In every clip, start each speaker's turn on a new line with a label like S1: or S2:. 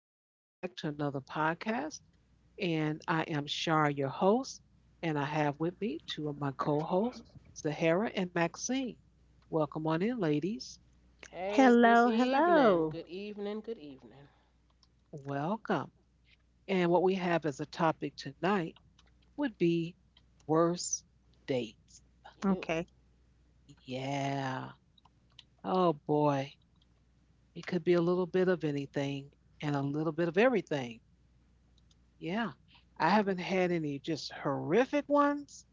S1: Welcome back to another podcast. And I am Shar, your host. And I have with me two of my co hosts, Zahara and Maxine. Welcome on in, ladies.
S2: Hey,
S3: Hello,
S2: good
S3: hello.
S2: evening. Good evening. Good evening.
S1: Welcome. And what we have as a topic tonight would be worst dates.
S3: Okay.
S2: You.
S1: Yeah. Oh, boy. It could be a little bit of anything and a little bit of everything. Yeah. I haven't
S2: Mm-hmm.
S1: had any just horrific ones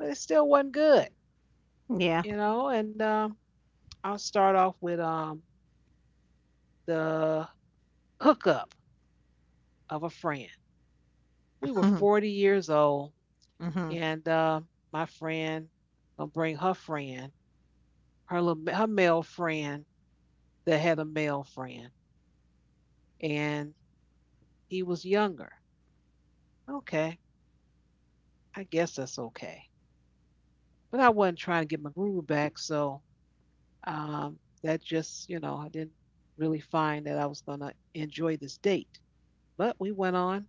S1: but it still wasn't good,
S3: Yeah.
S1: you know. And I'll start off with the hookup of a friend. We were
S3: Mhm.
S1: 40 years old,
S3: Mhm.
S1: and my friend gonna bring her friend, her little, her male friend that had a male friend, and he was younger. Okay, I guess that's okay. But I wasn't trying to get my groove back, so um, that just, you know, I didn't really find that I was gonna enjoy this date. But we went on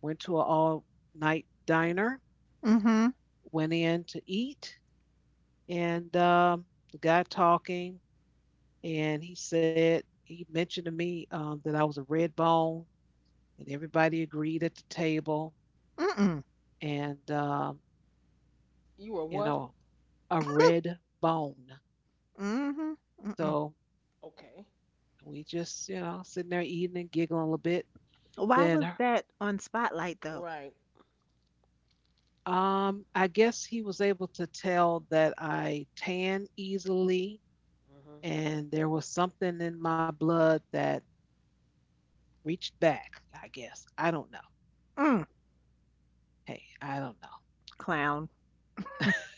S1: went to an all night diner,
S3: Mhm.
S1: went in to eat, and the guy talking, and he said, he mentioned to me that I was a red bone, and everybody agreed at the table,
S3: Mm-mm.
S1: and,
S2: You
S1: you
S2: are
S1: know,
S2: what?
S1: a red bone.
S3: Mhm. Mm-mm.
S1: So
S2: Okay.
S1: we just, you know, sitting there eating and giggling a little bit.
S3: Why was
S1: Then
S3: that on Spotlight though?
S2: Right.
S1: I guess he was able to tell that I tan easily,
S2: Mm-hmm.
S1: and there was something in my blood that reached back, I guess. I don't know.
S3: Mm,
S1: Hey, I don't
S3: Clown.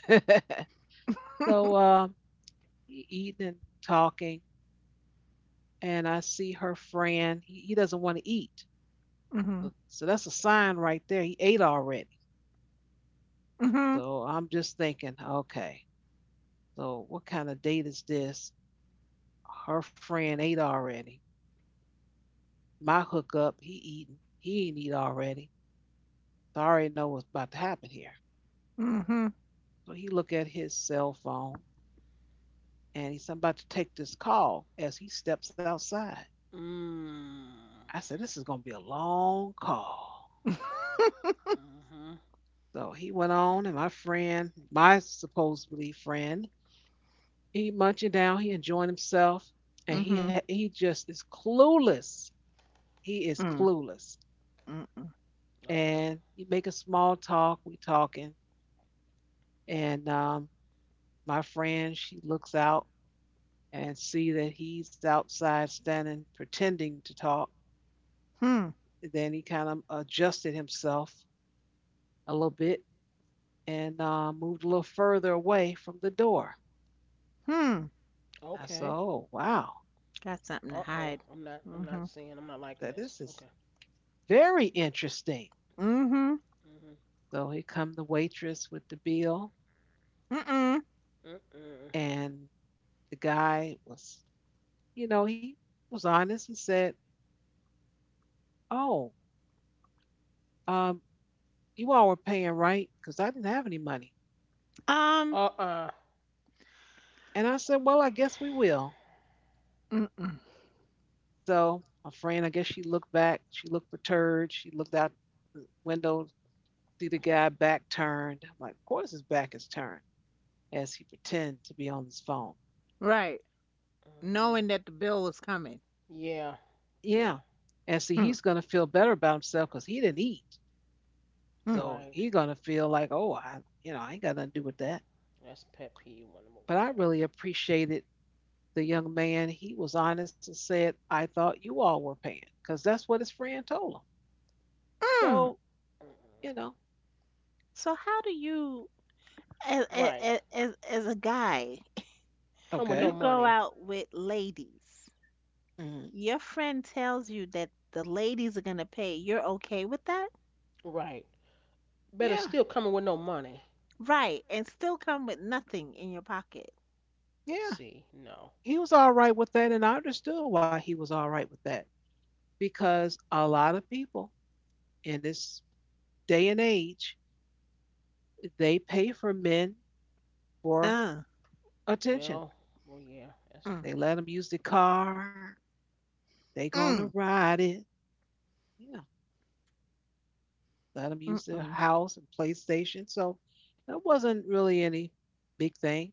S1: know. so um, he eating and talking, and I see her friend. He doesn't want to eat. So,
S3: Mhm.
S1: so that's a sign right there. He ate already.
S3: Mhm.
S1: So I'm just thinking, okay, so what kind of date is this? Her friend ate already. My hookup, he eating. He ain't eat already. So I already know what's about to happen here.
S3: Mhm.
S1: So he look at his cell phone and he's about to take this call as he steps outside.
S2: Mm.
S1: I said, this is going to be a long call.
S2: Mm-hmm.
S1: So he went on, and my friend, my supposedly friend, he munching down, he enjoying himself, and
S3: Mhm.
S1: he just is clueless. He is
S3: Mm.
S1: clueless,
S3: Mm-mm.
S1: and
S2: Uh-uh.
S1: he a small talk. We talking, and my friend, she looks out and see that he's outside standing, pretending to talk.
S3: Hmm.
S1: Then he kind of adjusted himself a little bit and moved a little further away from the door.
S3: Hmm.
S1: I said,
S2: Okay.
S1: "Oh wow,
S3: Got something to hide.
S2: Uh-oh. I'm not I'm
S3: Mhm.
S2: not seeing. I'm not
S1: so
S2: liking
S1: this
S2: this.
S1: is
S2: Okay.
S1: very interesting."
S3: Mhm.
S2: Mm-hmm.
S1: So here come the waitress with the bill,
S3: Mm-mm.
S2: Mm-mm.
S1: and the guy was, you know, he was honest and said, "Oh, um, you all were paying right because I didn't have any money."
S3: Um.
S2: Uh-uh.
S1: And I said, "Well, I guess we will."
S3: Mm-mm.
S1: So my friend, I guess she looked back, she looked perturbed, she looked out the window, see the guy back turned. I'm like, "Of course his back is turned," as he pretended to be on his phone.
S3: Right. Knowing
S2: Mm-hmm.
S3: that the bill was coming.
S2: Yeah.
S1: Yeah,
S2: Yeah.
S1: and see,
S3: Hmm.
S1: he's gonna feel better about himself because he didn't eat,
S3: Hmm.
S1: so he's
S2: Right.
S1: gonna feel like, oh, I, you know, I ain't got nothing to do with that.
S2: That's pet peeve one
S1: But
S2: number
S1: I
S2: one there.
S1: really appreciated the young man. He was honest and said, I thought you all were paying because that's what his friend told him.
S3: Mm.
S1: So you know,
S2: Mm-mm.
S3: So how do you as as
S2: Right.
S3: as, as a guy?
S2: Come
S3: You
S2: with
S1: okay,
S2: no
S3: go
S2: money.
S3: out with ladies.
S1: mhm,
S3: Your friend tells you that the ladies are going to pay. You're okay with that?
S2: Right.
S1: yeah,
S2: Better still coming with no money.
S3: Right. And still come with nothing in your pocket.
S1: yeah,
S2: See, no.
S1: he was all right with that, and I understood why he was all right with that because a lot of people in this day and age they pay for men for
S3: Uh,
S1: attention.
S2: Well, well, yeah,
S3: mm,
S2: that's
S1: They
S2: true.
S1: let them use the car. They gonna
S3: mm,
S1: ride it. Yeah, let them use their
S3: mm-mm.
S1: house and PlayStation. So that wasn't really any big thing.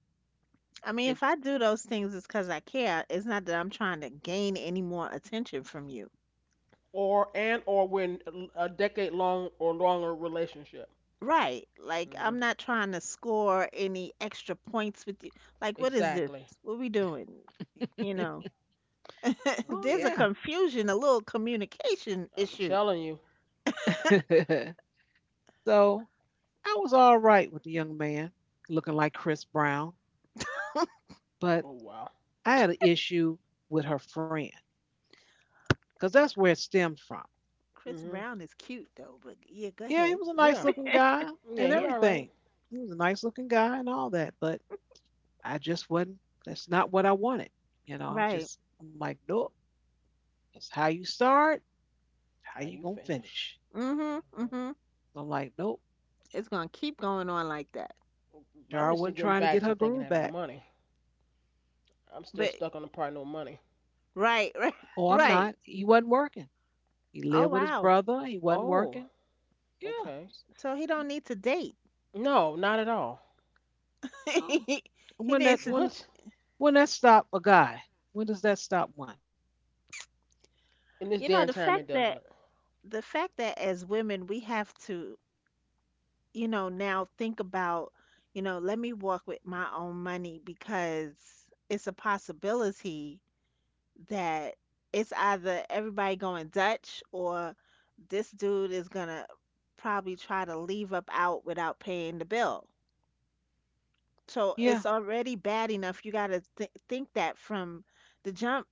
S3: I mean,
S1: It,
S3: if I do those things, it's because I care. It's not that I'm trying to gain any more attention from you.
S2: Or and or when a decade long or longer relationship.
S3: Right. Like, I'm
S2: Mhm.
S3: not trying to score any extra points with you. Like, what is this?
S2: Exactly.
S3: What we doing? You know,
S1: oh
S3: there's a
S1: yeah.
S2: Mm-mm.
S3: confusion, a little communication
S2: I'm
S3: issue.
S2: telling you.
S1: so I was all right with the young man looking like Chris Brown, but
S2: Oh wow.
S1: I had an issue with her friend because that's where it stemmed from.
S3: Chris
S2: Mhm.
S3: Brown is cute though, but yeah, go
S1: Yeah, he
S3: ahead.
S1: was a nice
S2: Yeah.
S1: looking guy and
S2: Yeah. He
S3: Yeah.
S2: all right.
S1: everything. He was a nice looking guy and all that, but I just wasn't. That's not what I wanted. You know, I
S3: Right.
S1: just I'm like, nope. That's how you start. How
S2: How
S1: you
S2: you
S1: gonna
S2: finish?
S1: finish?
S3: Mhm.
S2: Mhm.
S3: Mhm.
S1: So I'm like, nope.
S3: It's gonna keep going on like that.
S2: But
S1: Jar
S2: I'm just
S1: wasn't
S2: still
S1: trying
S2: getting
S1: to get
S2: back
S1: her
S2: to
S1: groove
S2: thinking I have no
S1: back.
S2: money. I'm
S3: But
S2: still stuck on the part no money.
S3: right, right,
S1: Oh, I'm
S3: right.
S1: not. He wasn't working. He
S3: Oh
S1: lived with his
S3: wow.
S1: brother. He wasn't working.
S2: Oh.
S1: Yeah.
S2: Okay.
S3: So he don't
S1: he-
S3: need to date.
S2: No, not at all.
S1: oh,
S3: he he
S1: When that
S3: needs to.
S1: when
S2: What?
S1: when that stop a guy? When does that stop one?
S3: You
S2: In
S3: know
S2: this
S3: the
S2: damn
S3: fact
S2: time, it
S3: that
S2: doesn't.
S3: the fact that as women we have to now think about, let me walk with my own money because it's a possibility that it's either everybody going Dutch or this dude is gonna probably try to leave up out without paying the bill. So it's
S1: Yeah.
S3: already bad enough. You gotta think that from the jump,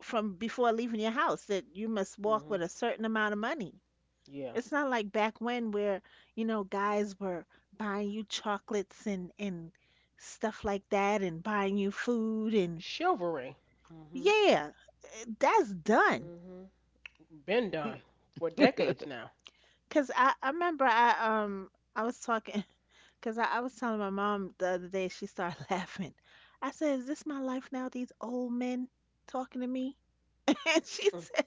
S3: from before leaving your house, that you must walk with
S2: Mhm.
S3: a certain amount of money.
S2: Yeah.
S3: It's not like back when where, guys were buying you chocolates and stuff like that and buying you food and
S2: Chivalry. Mhm.
S3: yeah, eh, that's done.
S2: Mhm. Been done for decades now.
S3: Cause I remember I was talking. Cause I was telling my mom the other day, she started laughing. I said, "Is this my life now? These old men talking to me?" And
S2: Mm.
S3: she said,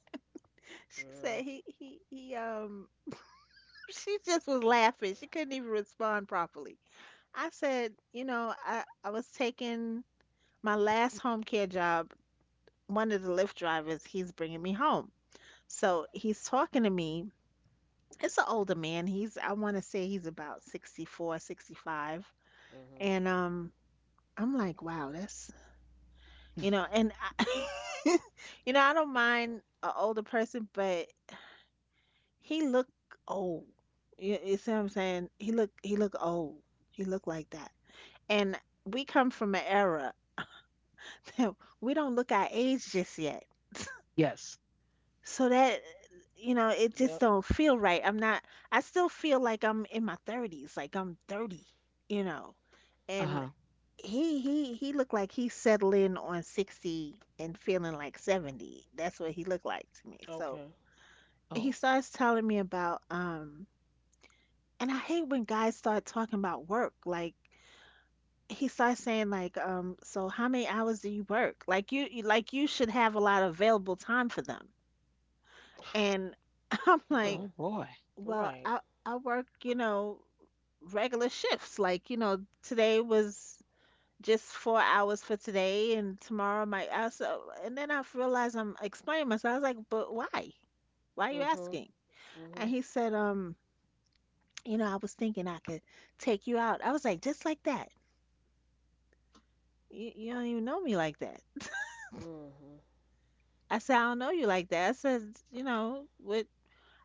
S3: "She
S2: Girl.
S3: said he." She just was laughing. She couldn't even respond properly. I said, "You know, I was taking my last home care job. One of the Lyft drivers, he's bringing me home. So he's talking to me. It's an older man. He's I want to say he's about 64, 65.
S2: Mm-hmm.
S3: And I'm like, wow, that's, you know, and I, I don't mind an older person, but he looked old. You see what I'm saying? He looked old. He looked like that. And we come from an era. We don't look our age just yet.
S1: Yes.
S3: So that, it just
S2: Yep.
S3: don't feel right. I'm not. I still feel like I'm in my 30s, like I'm 30. You know, and
S1: Uh-huh.
S3: He looked like he settled in on 60 and feeling like 70. That's what he looked like to me. So
S2: Okay.
S1: Oh,
S3: he starts telling me about, and I hate when guys start talking about work. Like, he starts saying like, so how many hours do you work? Like, you like, you should have a lot of available time for them. And I'm like,
S1: oh
S2: Hmm.
S1: boy.
S3: well, I
S2: Right.
S3: I work, regular shifts. Like, today was just 4 hours for today and tomorrow might also, and then I realized I'm explaining myself. I was like, but why? Why are you
S2: Mm-hmm.
S3: asking? And
S2: Mm-hmm.
S3: he said, I was thinking I could take you out. I was like, just like that. You don't even know me like that.
S2: Mm-hmm.
S3: I said, I don't know you like that. I said, you know, what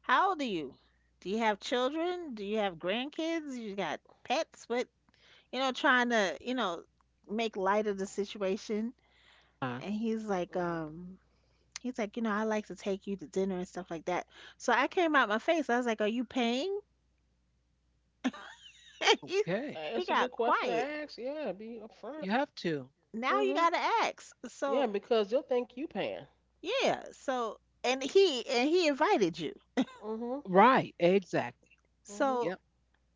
S3: how old are you? Do you have children? Do you have grandkids? You got pets? What? Trying to, make light of the situation.
S1: Uh,
S3: And he's like,
S2: Mm-hmm.
S3: um, He's like, I like to take you to dinner and stuff like that. So I came out my face. I was like, are you paying? he,
S1: okay.
S3: he
S2: That's a
S3: got
S2: good question to
S3: quiet.
S2: ask. Yeah, be
S1: You
S2: upfront.
S1: have to.
S3: Now you
S2: Mm-hmm.
S3: gotta ask. So
S2: Yeah, because they'll think you paying.
S3: yeah. So and he invited you.
S2: Mm-hmm.
S1: Right. Exactly.
S2: Mm-hmm.
S3: So
S1: Yep.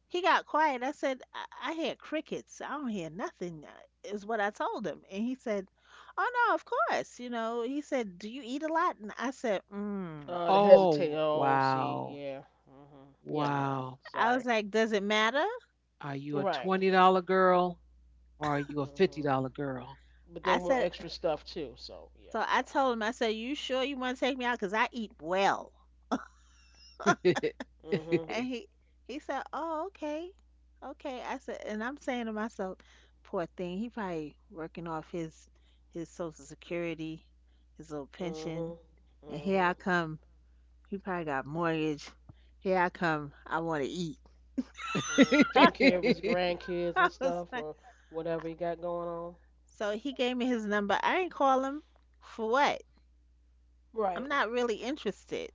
S3: he got quiet. I said, I hear crickets. I don't hear nothing, is what I told him. And he said, oh no, of course. He said, do you eat a lot? And I said, mm.
S2: They
S1: Oh,
S2: hesitate. Oh, see,
S1: wow.
S2: yeah. Mm-hmm. Yeah, no.
S1: Wow.
S3: I was
S2: Sorry.
S3: like, does it matter?
S1: Are you a
S2: Right.
S1: $20 girl or are you a $50
S2: Mm-hmm.
S1: girl?
S2: But
S3: I
S2: they
S3: said,
S2: want extra stuff too. So
S3: so
S2: yeah,
S3: I told him, I said, you sure you want to take me out? Because I eat well.
S2: no.
S3: And he said, "Oh, okay, okay." I said, and I'm saying to myself, "Poor thing, he probably working off his Social Security, his little
S2: Mm-hmm.
S3: pension."
S2: Mm-hmm.
S3: And here I
S2: Mm-hmm.
S3: come, he probably got mortgage. Here I come, I want to eat.
S2: Mm, taking care of his grandkids
S3: I
S2: and
S3: was
S2: stuff
S3: like,
S2: or whatever he got going on.
S3: so he gave me his number. I ain't call him, for what? I'm
S2: Right.
S3: not really interested,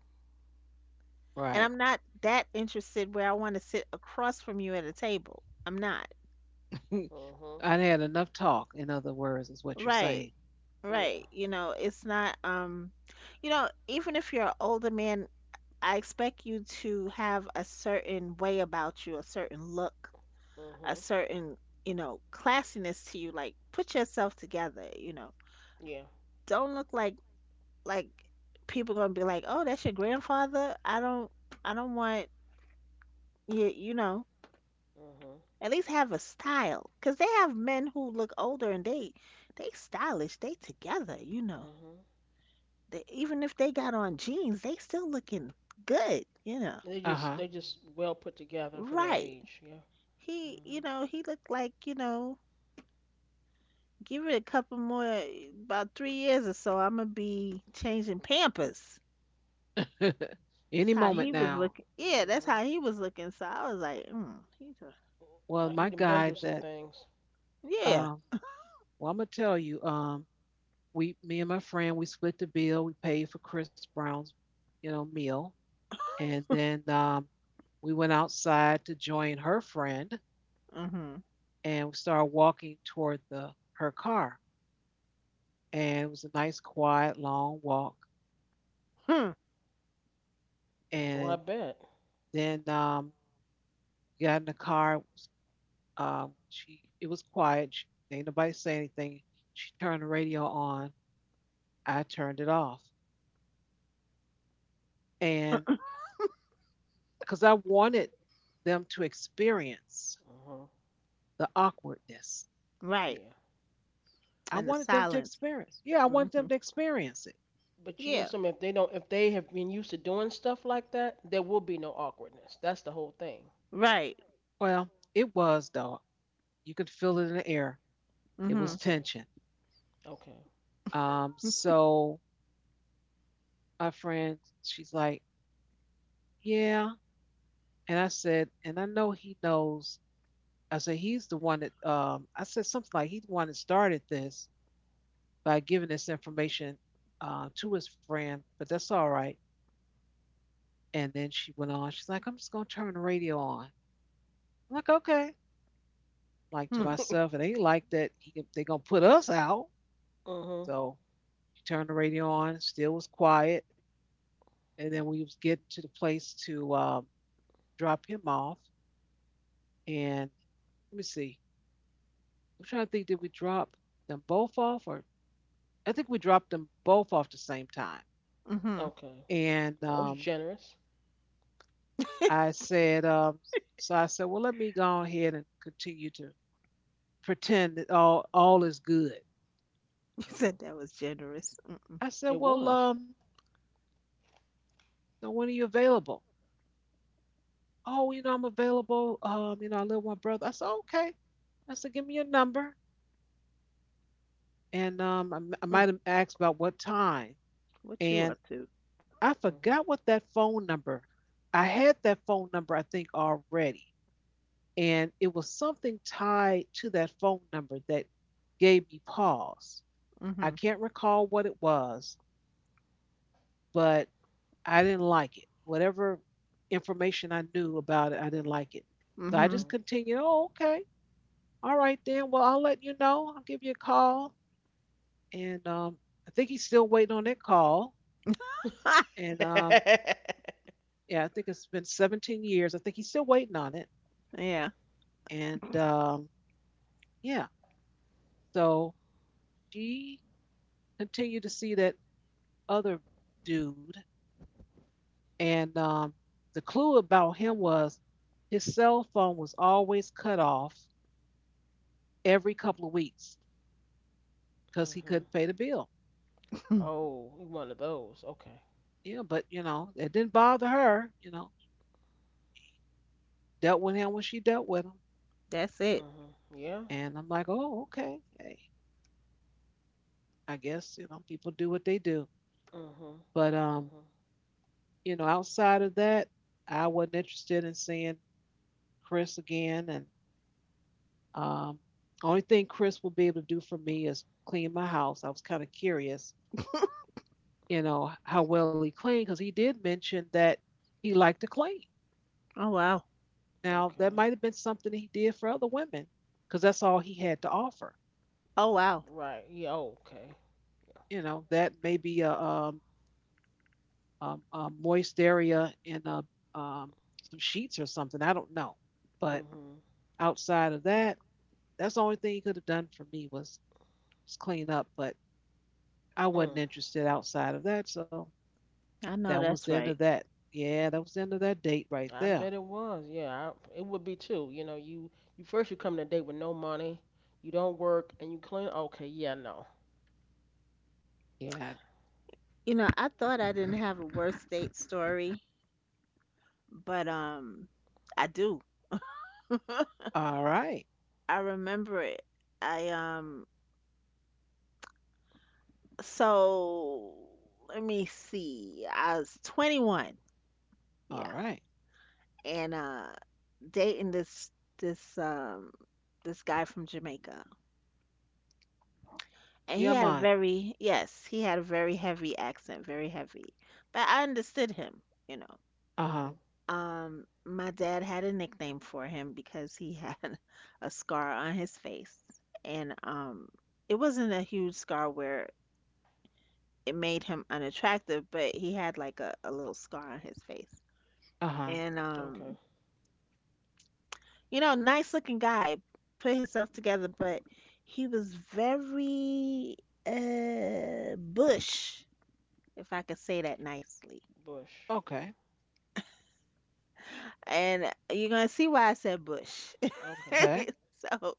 S3: and
S1: Right.
S3: I'm not that interested where I want to sit across from you at a table. I'm not.
S2: Mhm.
S1: I had enough talk, in other words, is what you're
S3: Right.
S1: saying.
S3: Right.
S2: Yeah.
S3: You know, it's not, even if you're an older man, I expect you to have a certain way about you, a certain look, a
S2: Mhm.
S3: certain, classiness to you. Like, put yourself together.
S2: Yeah.
S3: Don't look like people gonna be like, oh, that's your grandfather. I don't want you, you know.
S2: Mhm.
S3: At least have a style, 'cause they have men who look older and they stylish, they together.
S2: Mhm.
S3: They, even if they got on jeans, they still looking good.
S2: They just
S1: Uh
S2: they just well put together for their
S3: Right.
S2: age. Yeah.
S3: He, you
S2: Mhm.
S3: know, he looked like, give it a couple more, about 3 years or so, I'm gonna be changing Pampers.
S1: huh. Any
S3: That's how
S1: moment
S3: he was
S2: Yeah.
S1: now.
S3: looking. Yeah, that's how
S2: Mhm.
S3: he was looking. So I was like,
S1: Well,
S2: Like
S1: my
S2: he done been
S1: guy
S2: through some
S1: that,
S2: things.
S3: yeah.
S1: um, well, I'm going to tell you, we me and my friend we split the bill we paid for Chris Brown's you know meal and then we went outside to join her friend
S3: Mm-hmm.
S1: and we started walking toward the her car and it was a nice quiet long walk
S3: Hmm.
S2: Oh,
S1: and
S2: I bet.
S1: then got in the car it was, she it was quiet she, ain't nobody say anything she turned the radio on I turned it off and because I wanted them to experience
S2: Mhm.
S1: the awkwardness.
S3: Right.
S2: Yeah.
S1: I
S3: And the
S1: wanted them to
S3: silence.
S1: experience. Yeah, I wanted them
S3: Mm-hmm.
S1: to experience it.
S2: But you
S3: Yeah.
S2: know something, if they have been used to doing stuff like that, there will be no awkwardness. That's the whole thing.
S3: Right.
S1: Well, it was though. You could feel it in the air. It
S3: Mm-hmm.
S1: was
S2: Okay.
S1: tension.
S2: Okay.
S1: So our friend, she's like, yeah. And I said, and I know he knows. I said he's the one that. I said something like he's the one that started this by giving this information to his friend, but that's all right. And then she went on. She's like, I'm just gonna turn the radio on. I'm like, okay. Like to
S3: Hmm.
S1: myself, it ain't like that. He, they gonna put us out.
S2: mhm.
S1: So you turned the radio on, still was quiet. And then we was getting to the place to drop him off. And let me see. I'm trying to think, did we drop them both off? Or I think we dropped them both off the same time.
S3: Mm-hmm.
S2: Okay.
S1: And
S2: That was generous.
S1: I said, so I said, well, let me go ahead and continue to pretend that all is good.
S3: You said
S2: Mhm.
S3: that was generous.
S1: I said,
S2: It
S1: well,
S2: was.
S1: so when are you available? Oh, you know, I'm available. You know, I live with my brother. I said, okay. I said, give me your number. And I, I
S3: Mm-hmm.
S1: might have asked about what time,
S3: What you
S1: and
S3: up to?
S1: I forgot
S2: Mm-hmm.
S1: what that phone number. I had that phone number, I think, already, and it was something tied to that phone number that gave me pause. I
S3: Mm-hmm.
S1: can't recall what it was, but I didn't like it. Whatever information I knew about it, I didn't like it. So I
S3: Mm-hmm.
S1: just
S2: Mm-hmm.
S1: continued, oh, okay. All right, then. Well, I'll let you know. I'll give you a call. And I think he's still waiting on that call. And Yeah, I think it's been 17 years. I think he's still waiting on it.
S3: Yeah.
S1: And yeah, so she continued to see that other dude. And the clue about him was his cell phone was always cut off every couple of weeks because he
S2: Mm-hmm.
S1: couldn't pay the bill.
S2: Oh, one of those. Okay.
S1: Yeah, but you know, it didn't bother her. You know, dealt with him when she dealt with him.
S3: That's it.
S2: Mm-hmm. Yeah.
S1: And I'm like, oh, okay. Hey, I guess, you know, people do what they do.
S2: Mm-hmm.
S1: But
S2: Mm-hmm.
S1: you know, outside of that, I wasn't interested in seeing Chris again. And um, only thing Chris will be able to do for me is clean my house. I was kind of curious, you know, how well he cleaned because he did mention that he liked to clean.
S3: Oh wow.
S1: Now, that
S2: Okay.
S1: might have been something he did for other women because that's all he had to offer.
S3: Oh wow.
S2: Right. Yeah. Okay. Yeah.
S1: You know, that may be a moist area and um, some sheets or something. I don't know. But
S2: Mm-hmm.
S1: outside of that, that's the only thing he could have done for me was clean up, but I wasn't
S2: Mm.
S1: interested outside of that. So
S3: I
S1: that
S3: know
S1: was the
S3: that's
S1: end of
S3: right.
S1: that. Yeah, that was the end of that date right
S2: I
S1: there.
S2: bet it was. Yeah. I, it would be too. You know, you first you come to date with no money, you don't work, and you clean. Okay. Yeah. No. Yeah.
S1: Yeah.
S3: I thought I didn't have a worst date story, but I do.
S1: All right.
S3: I remember it. I so let me see. I was 21. Yeah.
S1: All right.
S3: And dating this um this guy from Jamaica. And he
S1: Yeah,
S3: had a
S1: man.
S3: very yes, he had a very heavy accent, very heavy. But I understood him, you know.
S1: Uh huh.
S2: Mm-hmm.
S3: My dad had a nickname for him because he had a scar on his face. And it wasn't a huge scar where it made him unattractive, but he had like a little scar on his face.
S1: Uh huh.
S3: And
S2: Okay.
S3: nice looking guy, put himself together, but he was very bush, if I could say that nicely.
S2: Bush.
S1: Okay.
S2: Mm.
S3: And you're gonna see why I said bush.
S2: Okay.
S1: Okay.
S3: So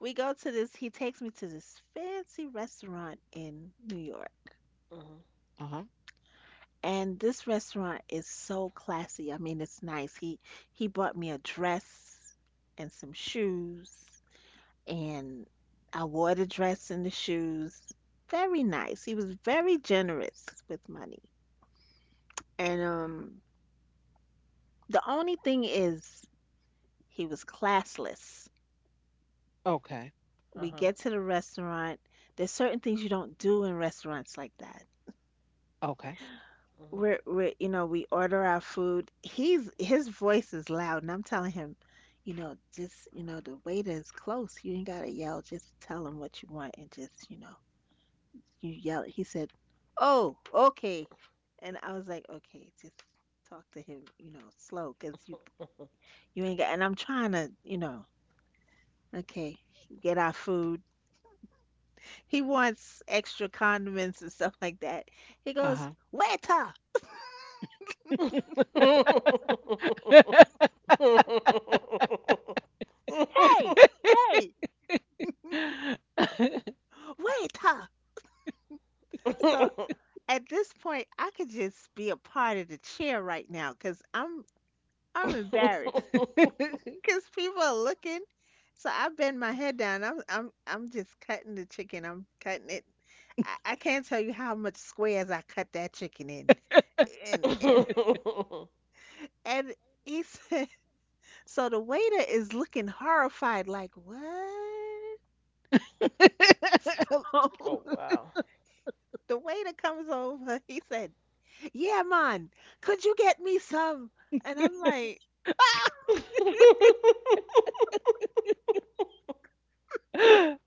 S3: we go to this, he takes me to this fancy restaurant in New York.
S2: Mm-hmm.
S1: Uh huh.
S3: And this restaurant is so classy. I mean, it's nice. He bought me a dress and some shoes, and I wore the dress and the shoes. Very nice. He was very generous with money. And the only thing is, he was classless.
S1: Okay.
S3: We get to the restaurant. There's certain things you don't do in restaurants like that.
S1: Okay.
S2: Uh-huh.
S3: We're you know we order our food. He's his voice is loud, and I'm telling him, just, the waiter is close, you ain't gotta yell, just tell him what you want, and just, you yell it. He said, oh, okay. And I was like, okay, just talk to him, slow, because you ain't got, and I'm trying to, okay, get our food. He wants extra condiments and stuff like that. He goes,
S1: Uh
S3: waiter,
S2: Mm-hmm. Oh
S3: hey, hey,
S1: huh.
S3: waiter. So, at this point, I could just be a part of the chair right now because I'm embarrassed because people are looking. So I bend my head down. I'm just cutting the chicken. I'm cutting it. I can't tell you how much squares I cut that chicken in. And and he said, so the waiter is looking horrified, like, what? So
S2: wow.
S3: the waiter comes over. He said, "Yeah, man, could you get me some?" And I'm like,
S1: Okay.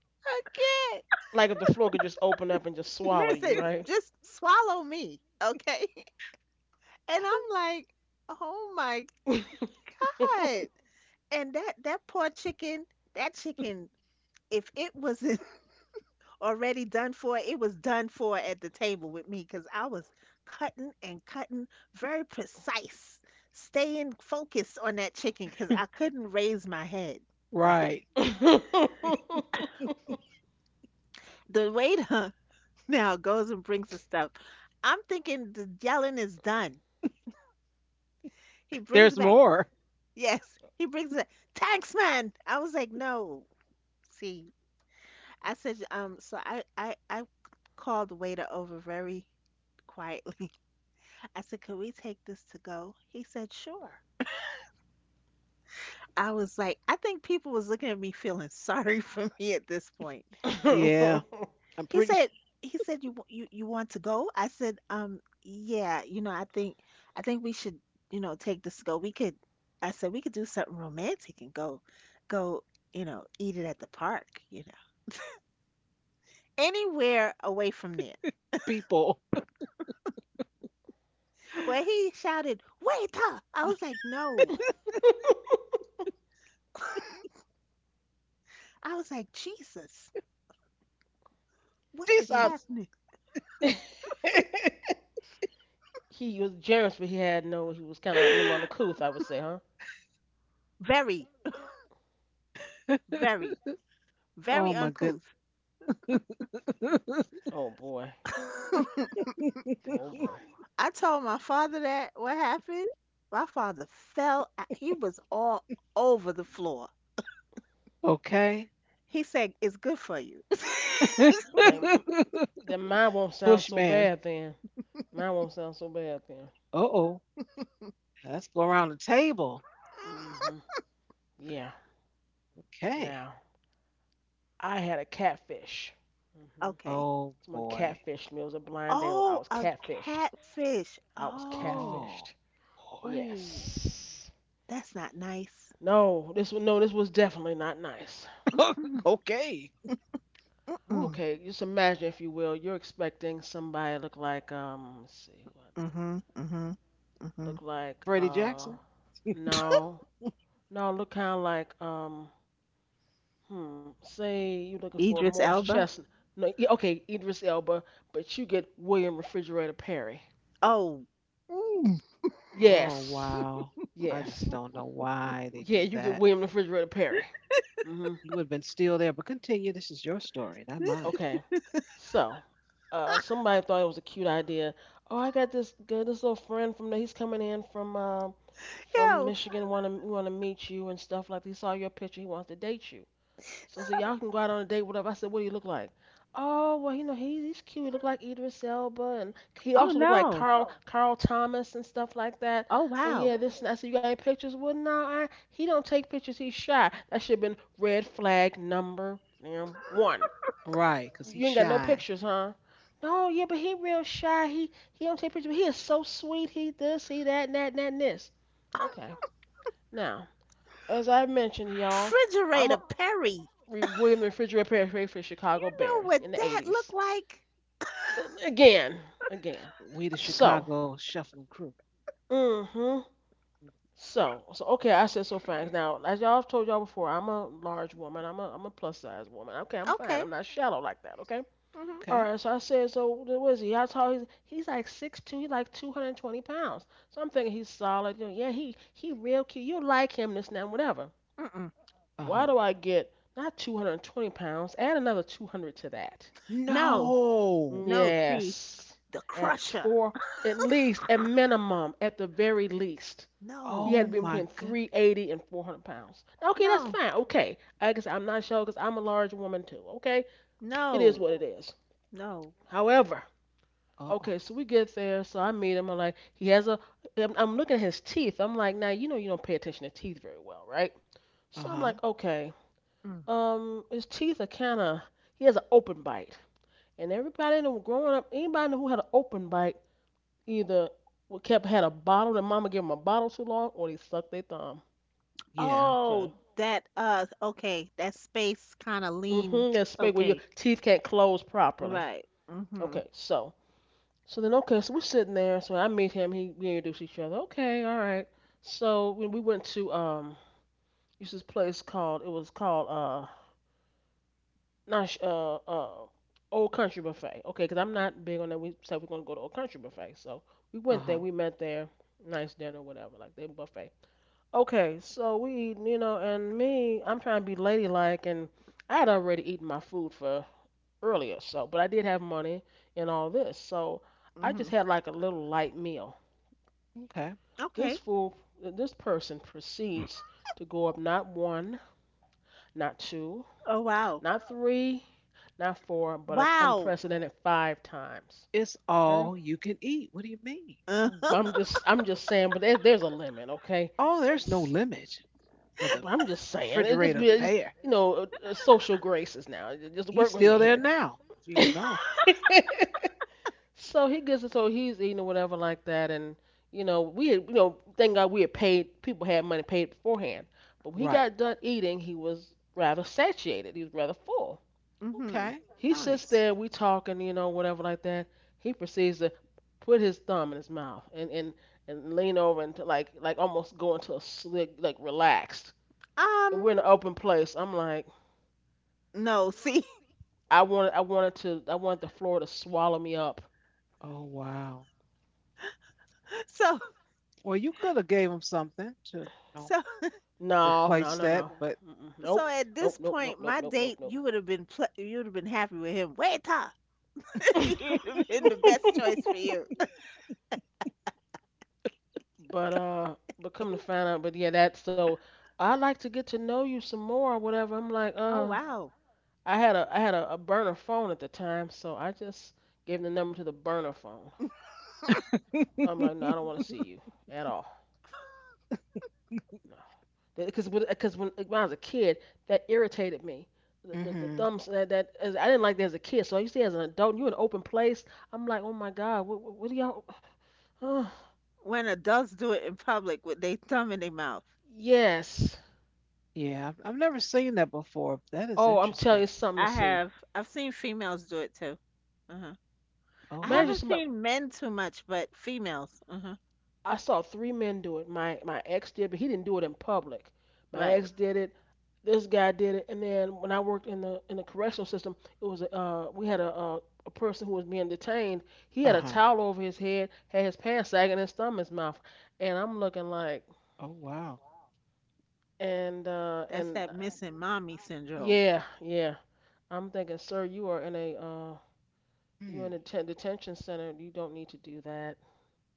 S2: Like if the floor could just open up and just swallow you,
S3: listen,
S2: right?
S3: just swallow me, okay? And I'm like, oh my God. And that poor chicken, that chicken, if it wasn't already done for, it was done for at the table with me because I was cutting and cutting, very precise, staying focused on that chicken because I couldn't raise my head, right?
S1: Right.
S3: The waiter now goes and brings the stuff. I'm thinking the yelling is done. He brings
S1: There's
S3: back
S1: more.
S3: Yes, he brings it. Thanks, man. I was like, no. See, I said, so I called the waiter over very quietly. I said, could we take this to go? He said, sure. I was like, I think people was looking at me feeling sorry for me at this point.
S1: Yeah. I'm
S3: He
S1: pretty sure
S3: said he said you want to go? I said, yeah, you know, I think we should, take this to go. We could I said we could do something romantic and go, eat it at the park. Anywhere away from there.
S1: people.
S3: Well, he shouted, "Waiter!" I was like, "No." I was like, "Jesus, what is
S2: He
S1: Jesus.
S3: happening?"
S2: he was generous, but he had no. He was kind of a little on the couth, I would say, huh?
S3: Very, very, very
S1: Oh my goodness.
S3: uncouth.
S2: Oh boy. Oh boy.
S3: I told my father that what happened. My father fell. Out- He was all over the floor.
S1: Okay.
S3: He said, "It's good for you."
S2: Dang, then mine won't sound so
S1: Bushman.
S2: bad then. Mine won't sound so bad then.
S1: Uh-oh. Let's go around the table.
S2: Hmm Yeah.
S1: Okay.
S2: Now, I had a catfish. Hmm
S3: Okay.
S1: Oh
S2: Someone
S1: boy.
S2: catfished me. It was a blind date. I
S3: Oh,
S2: was
S3: a
S2: catfished.
S3: catfish.
S2: I was
S3: Oh,
S1: Oh
S2: catfished.
S3: ooh,
S2: Yes.
S3: that's not nice.
S2: No, this was no, this was definitely not nice.
S1: boy.
S3: Mm-mm,
S1: okay. Ooh,
S3: mm-mm.
S2: Okay, just imagine if you will, you're expecting somebody look like let's see, who I think
S3: Mm-hmm, mm-hmm, mm-hmm.
S2: look like
S1: Freddie Jackson.
S2: no, no, look kind of like hmm. Say you're looking for
S3: Idris
S2: Morris
S3: Elba.
S2: Chestnut. No, yeah, okay, Idris Elba, but you get William Refrigerator Perry.
S3: Oh, mm.
S1: Oh
S2: Yes.
S1: wow. I just
S2: Yes.
S1: don't know why they
S2: Yeah,
S1: do
S2: you get
S1: that.
S2: William Refrigerator Perry. Hmm
S1: You would have been still there, but continue. This is your story, not mine.
S2: Okay. So, somebody thought it was a cute idea. Oh, I got this little friend from there. He's coming in from
S3: Yo.
S2: Michigan. Want to meet you and stuff like. That. He saw your picture. He wants to date you. So I said, y'all can go out on a date, whatever. I said, what do you look like? Oh, well, you know, he's cute. He looked like Idris Elba, and he
S3: Oh
S2: also looked like
S3: no.
S2: Carl Thomas and stuff like that.
S3: Oh
S2: And
S3: wow.
S2: yeah, this and that. I said, you got any pictures? Well, no, I he don't take pictures. He's shy. That should have been red flag number damn one.
S1: Right, because
S2: You,
S1: he's
S2: you ain't got no
S1: shy.
S2: pictures, huh? No, yeah, but he real shy. He don't take pictures. But he is so sweet. He this, he that, and that, and that, and this. Okay. Now, as I mentioned, y'all, I'm
S3: Refrigerator
S2: a
S3: Perry.
S2: William the Refrigerator Perry for the
S3: You
S2: Chicago
S3: know
S2: Bears
S3: what
S2: in the
S3: that looked
S2: 80s.
S3: like?
S2: Uh, Again, again.
S1: We the
S2: So,
S1: Chicago shuffling crew.
S2: mm-hmm. So, so okay, I said so fine. Now, as y'all have told y'all before, I'm a large woman. I'm a plus size woman. Okay, I'm fine.
S3: Okay.
S2: I'm not shallow like that. Okay.
S3: Mhm.
S2: All
S1: Okay.
S2: right. So I said, so what is he? How tall? He's like 6'2". He's like 220 pounds. So I'm thinking he's solid. You know, yeah, he real cute. You like him, this and that, whatever.
S3: Mm-mm.
S2: Why
S1: Uh-huh.
S2: do I get not 220 pounds? Add another 200 to that.
S3: No.
S1: No.
S3: No, see.
S2: Yes.
S3: The
S2: At
S3: crusher.
S2: four, at least, at minimum, at the very least,
S3: No.
S2: he had
S1: Oh
S2: to be
S1: my
S2: between
S1: good.
S2: 380 and 400 pounds. Okay, that's
S3: No.
S2: fine. Okay. I guess I'm not sure because I'm a large woman too. Okay. It is
S3: No.
S2: what it is.
S3: No.
S2: However,
S1: Uh-oh.
S2: okay, so we get there. So I meet him. I'm like, he has a, I'm looking at his teeth. I'm like, now, you know, you don't pay attention to teeth very well, right? So I'm
S1: Uh-huh.
S2: like, okay,
S3: Mm.
S2: his teeth are kind of, he has an open bite. And everybody in the growing up, anybody who had an open bite either kept had a bottle that mama gave them a bottle too long, or they sucked their thumb.
S1: Yeah.
S3: Oh,
S2: Okay.
S3: that okay, that space kind of lean.
S2: Mhm. That space where your
S3: Okay.
S2: teeth can't close properly.
S3: Right. Mhm.
S2: Okay. So. So then, okay. So we're sitting there. So I meet him. He we introduce each other. Okay. All right. So when we went to this place called it was called not uh. Old Country Buffet, okay. because 'cause I'm not big on that. We said we're gonna go to Old Country Buffet, so we went
S1: Uh-huh.
S2: there. We met there, nice dinner, whatever, like they buffet. Okay, so we eating, you know, and me, I'm trying to be ladylike, and I had already eaten my food for earlier, so, but I did have money and all this, so I
S3: Mhm.
S2: just had like a little light meal.
S1: Okay.
S2: This
S3: Okay.
S2: fool, this person proceeds to go up not one, not two,
S3: Oh wow.
S2: not three, not four, but an
S3: Wow.
S2: unprecedented five times.
S1: It's
S2: Okay,
S1: all you can eat. What do you mean?
S3: Uh,
S2: I'm just saying, but there's a limit. Okay,
S1: Oh, there's no limit for the
S2: but I'm just saying,
S1: refrigerator
S2: it's just
S1: pear.
S2: you know social graces now. Just
S1: He's
S2: work with
S1: still
S2: me
S1: there
S2: here.
S1: now. If you ain't know.
S2: So he gets it. So he's eating or whatever like that, and you know we had, you know thank God we had paid people had money paid beforehand. But when he
S1: Right.
S2: got done eating, he was rather satiated. He was rather full.
S3: mhm.
S1: Okay.
S2: He sits
S1: Nice.
S2: there, we talking, you know, whatever like that. He proceeds to put his thumb in his mouth and lean over and to like almost go into a slick like relaxed
S3: Um
S2: we're in an open place. I'm like,
S3: no, see.
S2: I wanted the floor to swallow me up.
S1: Oh wow.
S3: So
S1: Well, you could have gave him something to, know,
S3: so
S2: No, no,
S1: replace
S2: no,
S1: that,
S2: no.
S1: but
S2: Mm-mm.
S3: so
S2: Nope,
S3: at
S2: nope,
S3: this
S2: nope, nope,
S3: point
S2: nope,
S3: my
S2: nope,
S3: date,
S2: nope,
S3: you would have been happy with him. Waiter.
S2: nope.
S3: You've been the best choice for you.
S2: But come to find out, but yeah, that. So I'd like to get to know you some more or whatever. I'm like,
S3: Oh wow.
S2: I had a burner phone at the time, so I just gave him the number to the burner phone. I'm like, no, I don't want to see you at all. No, because when I was a kid, that irritated me. The
S1: Mm-hmm.
S2: thumbs I didn't like that as a kid. So you see, as an adult, you in an open place. I'm like, oh my God, what do y'all?
S3: When adults do it in public with their thumb in their mouth.
S2: Yes.
S1: Yeah, I've never seen that before. That is
S2: Oh, I'm telling you,
S1: interesting.
S2: it's something to see.
S3: I've seen females do it too. Uh-huh. I
S1: Oh
S2: Imagine
S1: wow.
S3: haven't
S2: somebody.
S3: seen men too much, but females. Uh-huh.
S2: I saw three men do it. My ex did, but he didn't do it in public. My
S3: Right.
S2: ex did it. This guy did it, and then when I worked in the correctional system, it was we had a person who was being detained. He
S1: Uh
S2: had a
S1: huh.
S2: towel over his head, had his pants sagging, his thumb in his mouth, and I'm looking like,
S1: Oh wow.
S2: and uh,
S3: That's
S2: and
S3: that missing mommy syndrome.
S2: yeah, yeah. I'm thinking, sir, you are in a you
S1: Hmm.
S2: in a detention center. You don't need to do that.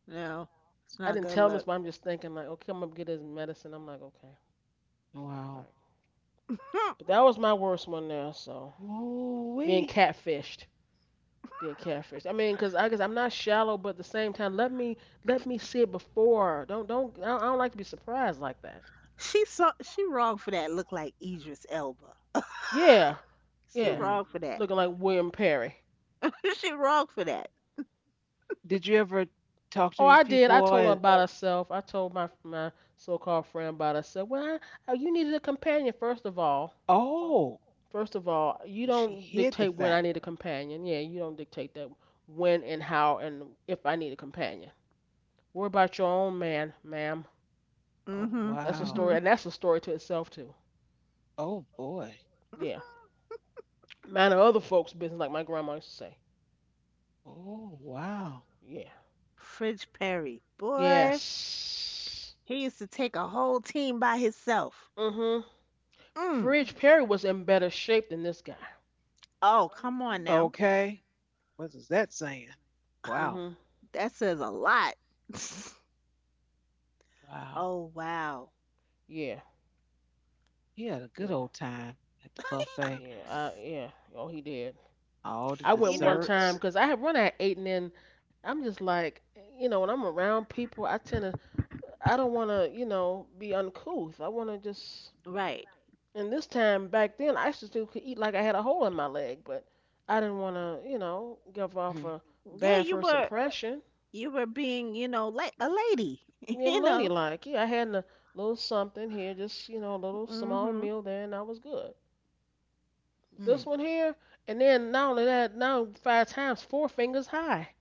S3: No, it's
S2: I
S3: not
S2: didn't
S3: good
S2: tell him this,
S3: luck.
S2: but I'm just thinking like, okay, I'm gonna get his medicine. I'm like, okay, all
S1: Wow.
S2: right.
S3: Hmm.
S2: But that was my worst one there. So being
S1: Ooh-wee.
S2: catfished, being catfished. I mean, because I guess I'm not shallow, but at the same time, let me see it before. Don't don't. I don't like to be surprised like that.
S3: She saw she wrong for that look like Idris Elba.
S2: Yeah,
S3: She
S2: yeah.
S1: Hmm.
S3: wrong for that.
S2: Looking like William Perry.
S3: she wrong for that.
S1: Did you ever talk to
S2: Oh,
S1: these
S2: I did. I
S1: people?
S2: told
S1: And
S2: her about herself. I told my so-called friend about herself. Well, I, you needed a companion first of all.
S1: oh,
S2: First of all, you
S1: so she
S2: don't
S1: hid the
S2: dictate when I
S1: fact.
S2: need a companion. Yeah, you don't dictate that when and how and if I need a companion. Worry about your own man, ma'am.
S1: Oh
S3: Mm-hmm.
S2: That's a
S1: wow.
S3: Mm-hmm.
S2: story, and that's a story to itself too.
S1: Oh boy.
S2: Yeah, mind of other folks' business, like my grandma used to say.
S1: Oh wow.
S2: Yeah.
S3: Fridge Perry. Boy.
S2: Yes.
S3: He used to take a whole team by himself.
S2: Mhm.
S3: Mm.
S2: Fridge Perry was in better shape than this guy.
S3: Oh, come on now.
S1: Okay. What is that saying? Wow.
S2: Mhm.
S3: That says a lot.
S1: Wow.
S3: oh, wow.
S2: Yeah.
S1: He had a good
S2: Yeah.
S1: old time at the buffet.
S2: Yeah. I yeah. Oh, he did.
S1: All the
S2: I went
S3: You know,
S2: one time
S1: desserts.
S2: because I had run at 8, and then I'm just like, when I'm around people, I tend to, I don't want to, be uncouth. I want to just.
S3: right.
S2: And this time back then, I used to could eat like I had a hole in my leg, but I didn't want to, give off
S1: Mhm.
S2: a
S3: Yeah,
S2: bad first impression.
S3: you were being, you know, like a lady,
S2: Being
S3: you know.
S2: ladylike, yeah, I had a little something here, just a little small
S3: Mhm.
S2: meal there, and I was good. But this
S1: Hmm.
S2: one here, and then not only that, now five times, four fingers high.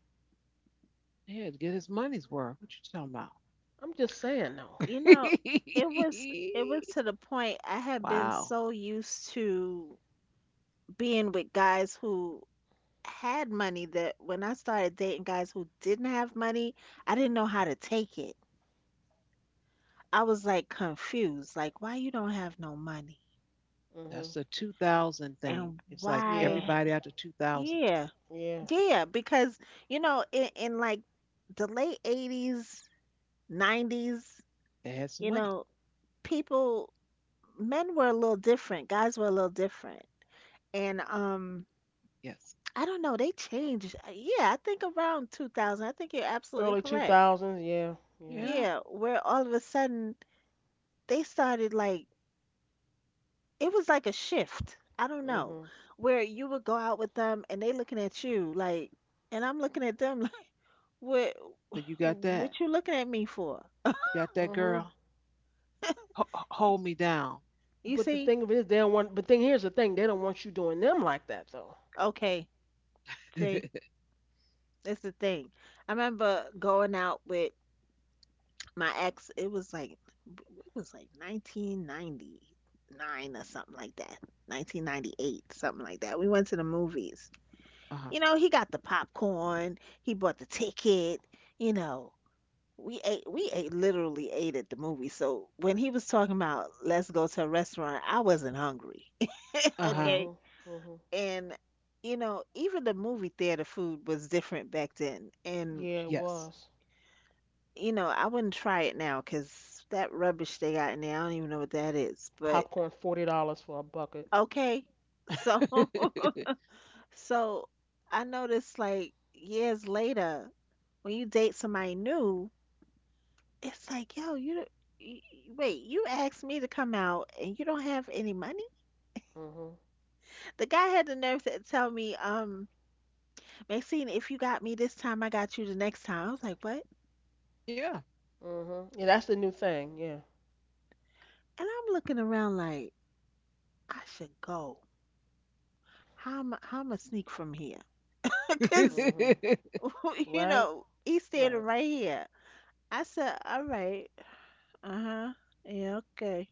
S1: He had to get his money's worth. What you talking about?
S2: I'm just saying, no.
S3: You know, it was it was to the point I had been
S1: Wow.
S3: so used to being with guys who had money that when I started dating guys who didn't have money, I didn't know how to take it. I was like confused, like why you don't have no money
S2: Mhm.
S1: That's the 2000 thing.
S3: and
S1: It's like
S2: Yeah.
S3: why?
S1: everybody after 2000,
S3: Yeah,
S2: Yeah.
S3: yeah, because you know, in like the late 80s, 90s,
S1: they had some
S3: you
S1: money.
S3: know, people, men were a little different, guys were a little different. And
S1: Yes.
S3: I don't know, they changed. Yeah, I think around 2000, I think you're absolutely
S2: Early two
S3: correct.
S2: thousands. Yeah. Yeah.
S1: Yeah.
S3: Yeah, where all of a sudden they started like it was like a shift. I don't know,
S2: Mhm.
S3: where you would go out with them and they looking at you like, and I'm looking at them like, what,
S1: So you got
S3: what
S1: that.
S3: you looking at me for?
S1: You got that
S2: Mhm.
S1: girl. Hold me down.
S3: You
S2: But the
S3: see?
S2: thing of it is, they don't want. But thing here's the thing, they don't want you doing them like that though.
S3: Okay, see,
S1: Uh
S3: that's the thing. I remember going out with my ex. It was like 1999 or something like that, 1998, something like that. We went to the movies.
S1: huh.
S3: You know, he got the popcorn. He bought the ticket. You know, we ate literally ate at the movie. So when he was talking about let's go to a restaurant, I wasn't hungry.
S1: Uh huh.
S3: Okay.
S2: Hmm hmm
S3: And you know, even the movie theater food was different back then. And
S2: Yeah, it
S1: Yes.
S2: was.
S3: you know, I wouldn't try it now because that rubbish they got in there, I don't even know what that is. But
S2: Popcorn $40 for a bucket.
S3: okay. So so I noticed like years later when you date somebody new. It's like, yo, you don't- y- y- wait, you asked me to come out and you don't have any money?
S2: Hmm
S3: The guy had the nerve to tell me, Maxine, if you got me this time, I got you the next time. I was like, what?
S1: Yeah.
S2: hmm Yeah, that's the new thing. Yeah.
S3: And I'm looking around like, I should go. How am I sneak from here? Because,
S2: hmm
S3: you
S2: Right?
S3: know, he's standing
S2: Right.
S3: right here. I said, all right, uh-huh, yeah, okay.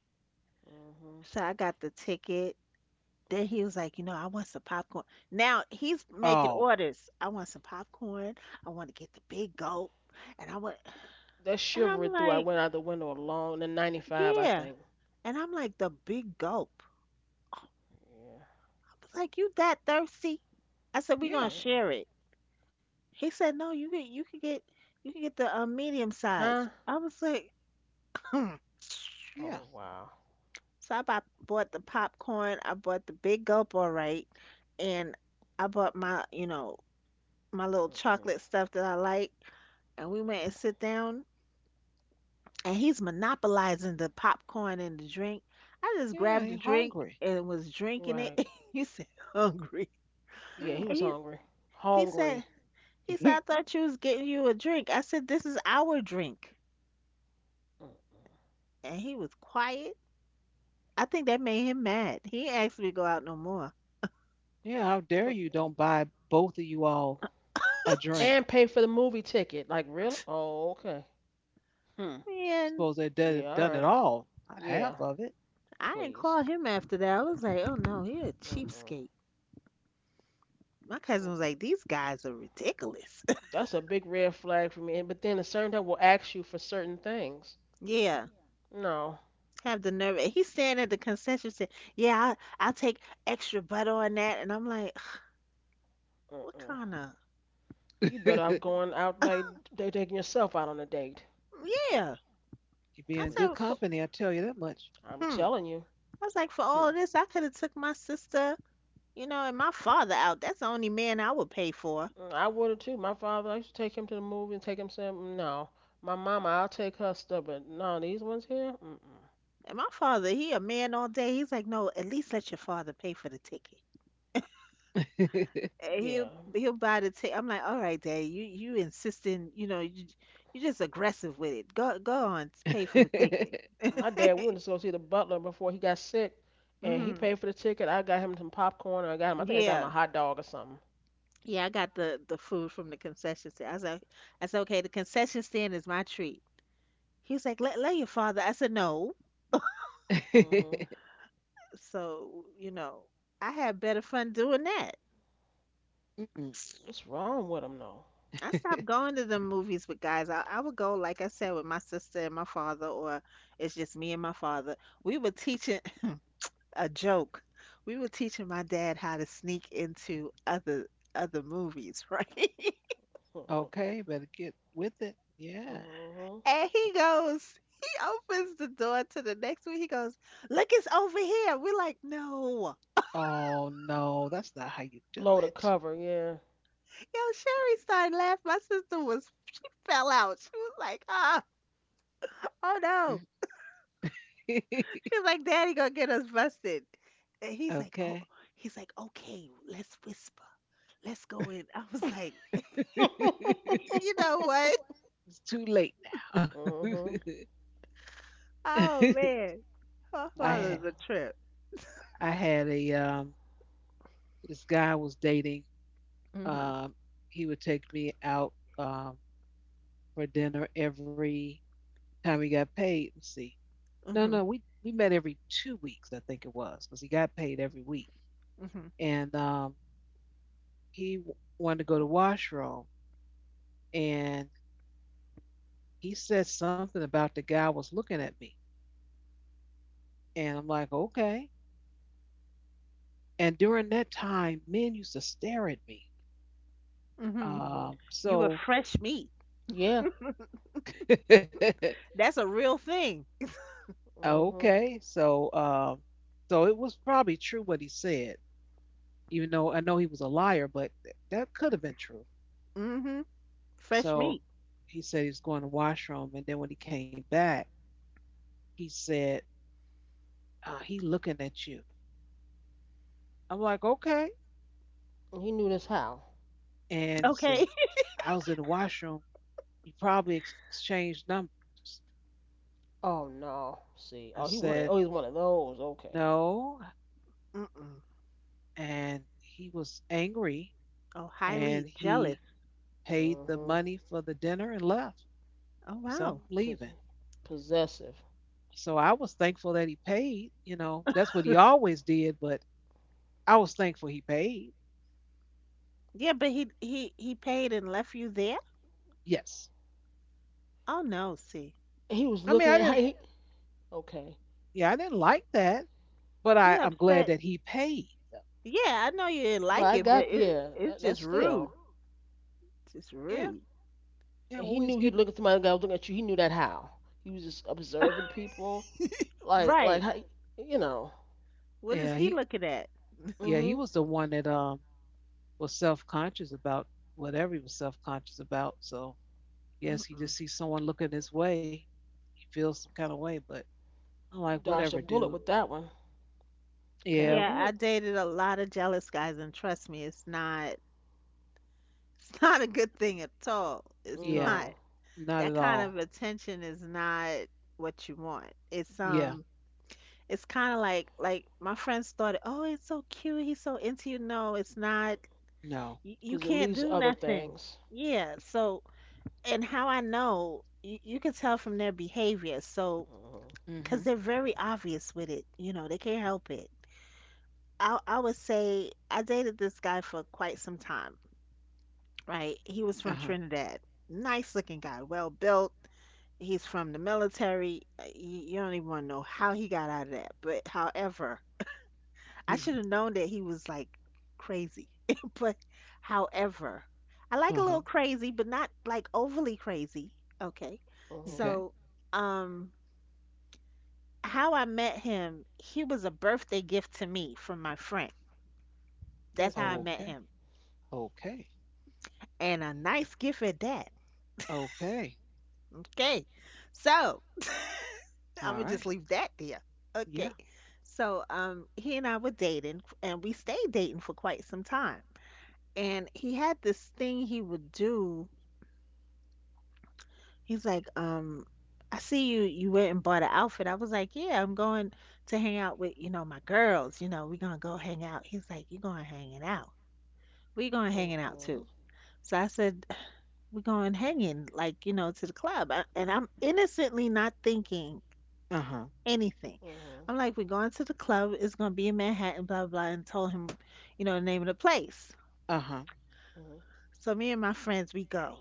S2: hmm
S3: So I got the ticket. Then he was like, you know, I want some popcorn. Now he's making
S1: Oh,
S3: orders. I want some popcorn. I want to get the big gulp. And I want,
S2: That
S3: and I'm
S2: shivered through. I went
S3: like,
S2: out the window alone. The '95, I
S3: yeah.
S2: think.
S3: And I'm like, the big gulp.
S2: Yeah,
S3: Like, you that thirsty? I said, we
S1: yeah,
S3: gonna
S2: apparently.
S3: share it. He said, no, you can get the medium size.
S2: Huh?
S3: I was like, hmm.
S1: yeah,
S2: Oh wow.
S3: So I bought the popcorn. I bought the big gulp, all right, and I bought my, you know, my little
S2: Mm-mm.
S3: chocolate stuff that I like, and we went and sit down, and he's monopolizing the popcorn and the drink. I just
S1: yeah.
S3: grabbed the
S1: You're
S3: drink
S1: hungry.
S3: and was drinking it.
S2: Right.
S3: he said, hungry.
S2: Yeah,
S1: Yeah,
S2: he was
S3: He,
S2: hungry.
S3: he said,
S2: Hungry.
S3: he said, I thought you was getting you a drink. I said, this is our drink.
S2: Mm.
S3: And he was quiet. I think that made him mad. He ain't asked me to go out no more.
S1: yeah. How dare
S2: But
S1: you don't buy both of you all a drink?
S2: and pay for the movie ticket. Like really? Oh, okay. Hmm.
S1: Suppose
S3: Man,
S1: they done
S2: Yeah. All
S1: done it
S2: right.
S1: all, not
S2: Yeah.
S1: half of it.
S3: I didn't
S2: Please.
S3: call him after that. I was like, oh no, he a
S2: Mm-mm.
S3: cheapskate. My cousin was like, these guys are ridiculous.
S2: That's a big red flag for me. And but then a certain time will ask you for certain things.
S3: Yeah,
S2: No,
S3: Have the nerve. And he's standing at the concession stand. Yeah, I'll take extra butter on that. And I'm like, what
S2: uh-uh.
S3: kind of?
S2: You better off going out by taking yourself out on a date,
S3: Yeah.
S1: You be in
S3: I
S1: good
S3: said,
S2: please.
S3: for,
S1: company, I tell you that much.
S2: I'm
S3: hmm.
S2: telling you.
S3: I was like, for all
S2: Hmm.
S3: of this, I could have took my sister, you know, and my father out. That's the only man I would pay for.
S2: Mm, I would have too. My father, I used to take him to the movie and take him some. No, my mama, I'll take her stuff, but no, these ones here. Mm-mm.
S3: And my father, he a man all day. He's like, no, at least let your father pay for the ticket. And
S2: Yeah,
S3: he'll buy the ticket. I'm like, all right, Dad, you insisting, you know, you just aggressive with it. Go on, pay for the ticket.
S2: my dad, we went to go see the Butler before he got sick, and he
S3: Hmm
S2: paid for the ticket. I got him some popcorn. Or I got him. I think I got him a
S3: Yeah,
S2: hot dog or something.
S3: Yeah, I got the food from the concession stand. I was like, I said, okay, the concession stand is my treat. He was like, let your father. I said, no.
S2: Hmm
S3: So you know, I had better fun doing that.
S1: Mm,
S2: What's wrong with him though?
S3: I stopped going to the movies with guys. I would go, like I said, with my sister and my father, or it's just me and my father. We were teaching a joke. We were teaching my dad how to sneak into other movies, right?
S1: okay, better get with it. Yeah.
S2: Mm-hmm.
S3: And
S1: It's
S3: he
S1: like,
S3: goes, he opens the door to the next one. He goes, look, it's over here. We're like, no.
S1: oh no, that's not how you do
S2: Blow the cover, yeah.
S3: Yo, Sherry started laughing. My sister was fell out. She was like, oh, oh
S1: it.
S3: no. She was like, Daddy gonna get us busted. And he's like, oh,
S1: Okay.
S3: he's like, okay, let's whisper. Let's go in. I was like, you
S1: It's
S3: know what?
S1: too late now.
S2: Mm-hmm.
S3: Oh man. My
S1: I
S2: Yeah.
S1: ha-
S3: father's a trip.
S1: I had a this guy I was dating.
S3: Mm-hmm.
S1: Um, he would take me out um for dinner every time he got paid. Let's see. No,
S3: Mm-hmm.
S1: no, we met every 2 weeks, I think it was, because he got paid every week.
S3: Mm-hmm.
S1: And he wanted to go to the washroom, and he said something about the guy was looking at me, and I'm like, okay. And during that time, men used to stare at me.
S3: Mm-hmm.
S2: Mm-hmm.
S1: Um,
S3: You were
S1: so
S3: fresh meat.
S2: Yeah.
S3: That's a real thing.
S2: Mm-hmm.
S1: okay, so it was probably true what he said, even though I know he was a liar, but that could have been true.
S3: Mm-hmm. Fresh meat.
S1: So he said he was going to the washroom, and then when he came back, he said he looking at you. I'm like okay,
S2: He knew this how.
S1: and he said
S3: Okay.
S1: I was in the washroom. You probably exchanged numbers.
S2: Oh no.
S1: I
S2: See. Oh, he
S1: said
S2: wanted. Oh, he's one of those. Okay.
S1: no,
S3: Mm-mm.
S1: and he was angry,
S3: Oh,
S1: and
S3: highly
S1: he
S3: jealous.
S1: paid the
S2: Mm-hmm.
S1: money for the dinner and left.
S3: Oh,
S1: So I'm
S3: wow.
S2: P-
S1: leaving.
S2: Possessive.
S1: So I was thankful that he paid. You know, that's what he always did, but I was thankful he paid.
S3: Yeah, but he paid and left you there?
S1: Yes.
S3: Oh no, see.
S2: He
S1: I
S2: was
S1: mean, I
S2: looking
S1: didn't,
S2: at. He, okay.
S1: yeah, I didn't like that, but
S3: He
S1: I'm glad
S3: upset.
S1: that he paid. Though.
S3: Yeah, I know you didn't like
S2: Right. I
S3: it, but
S2: got. Yeah.
S3: it's
S2: That,
S3: just
S2: that's still.
S3: rude. Just
S1: Yeah.
S3: rude.
S1: Yeah. Well,
S2: He
S1: we was
S2: knew he'd
S1: getting,
S2: look at somebody. The guy was looking at you. He knew that how. He was just observing people. Like. Like.
S3: Right.
S2: How, you know.
S3: What is
S1: yeah,
S3: he
S1: he,
S3: looking at?
S1: yeah,
S2: Mm-hmm.
S1: he
S2: You
S1: was the one that was self conscious about whatever he was self conscious about. So I guess he
S3: Mm-mm.
S1: just sees someone looking his way. He feels some kind of way, but I'm like, whatever,
S2: dodged a
S1: dude.
S2: bullet with that one.
S1: Yeah. We
S3: Yeah,
S1: were,
S2: Apparently,
S3: I dated a lot of jealous guys, and trust me, it's not a good thing at all. It's
S1: yeah.
S3: not.
S2: no,
S1: Not
S3: That
S1: at
S3: kind
S2: no,
S3: of
S1: all.
S3: attention is not what you want. It's
S1: Yeah.
S3: it's kind of like my friends thought, "Oh, it's so cute. He's so into you." No, it's not.
S1: No.
S3: You
S2: because it
S3: can't
S2: leads to
S3: do
S2: other
S3: nothing.
S2: things.
S3: Yeah. So, and how I know, you can tell from their behavior. So,
S2: Mm-hmm.
S1: Mhm.
S3: because they're very obvious with it, you know, they can't help it. I would say I dated this guy for quite some time, right? He was from
S1: Uh-huh.
S3: Trinidad. Nice looking guy, well built. He's from the military. You don't even want to know how he got out of that. But however, I should have known that he was like crazy. But however, I like a little
S1: Uh-huh.
S3: crazy, but not like overly crazy. Okay.
S2: Mm-hmm.
S1: Okay.
S3: So, um, how I met him, he was a birthday gift to me from my friend. That's how I
S2: Okay.
S3: met
S1: Okay.
S3: him.
S1: Okay.
S3: And a nice gift at that.
S1: Okay.
S3: Okay. So,
S1: All
S3: I'm gonna
S1: right.
S3: just leave that there.
S1: Yeah.
S3: Okay. So, he and I were dating and we stayed dating for quite some time. And he had this thing he would do. He's like, I see you went and bought an outfit. I was like, yeah, I'm going to hang out with, you know, my girls, you know, we're gonna go hang out. He's like, you going hanging out. We going hanging out
S2: Mm-hmm.
S3: too. So I said, we going hanging, like, you know, to the club. I- And I'm innocently not thinking
S1: Uh-huh.
S3: anything.
S2: Mm-hmm.
S3: I'm like, we're going to the club, it's gonna be in Manhattan, blah blah blah, and told him, you know, the name of the place.
S1: Uh-huh.
S2: Mm-hmm.
S3: So me and my friends, we go.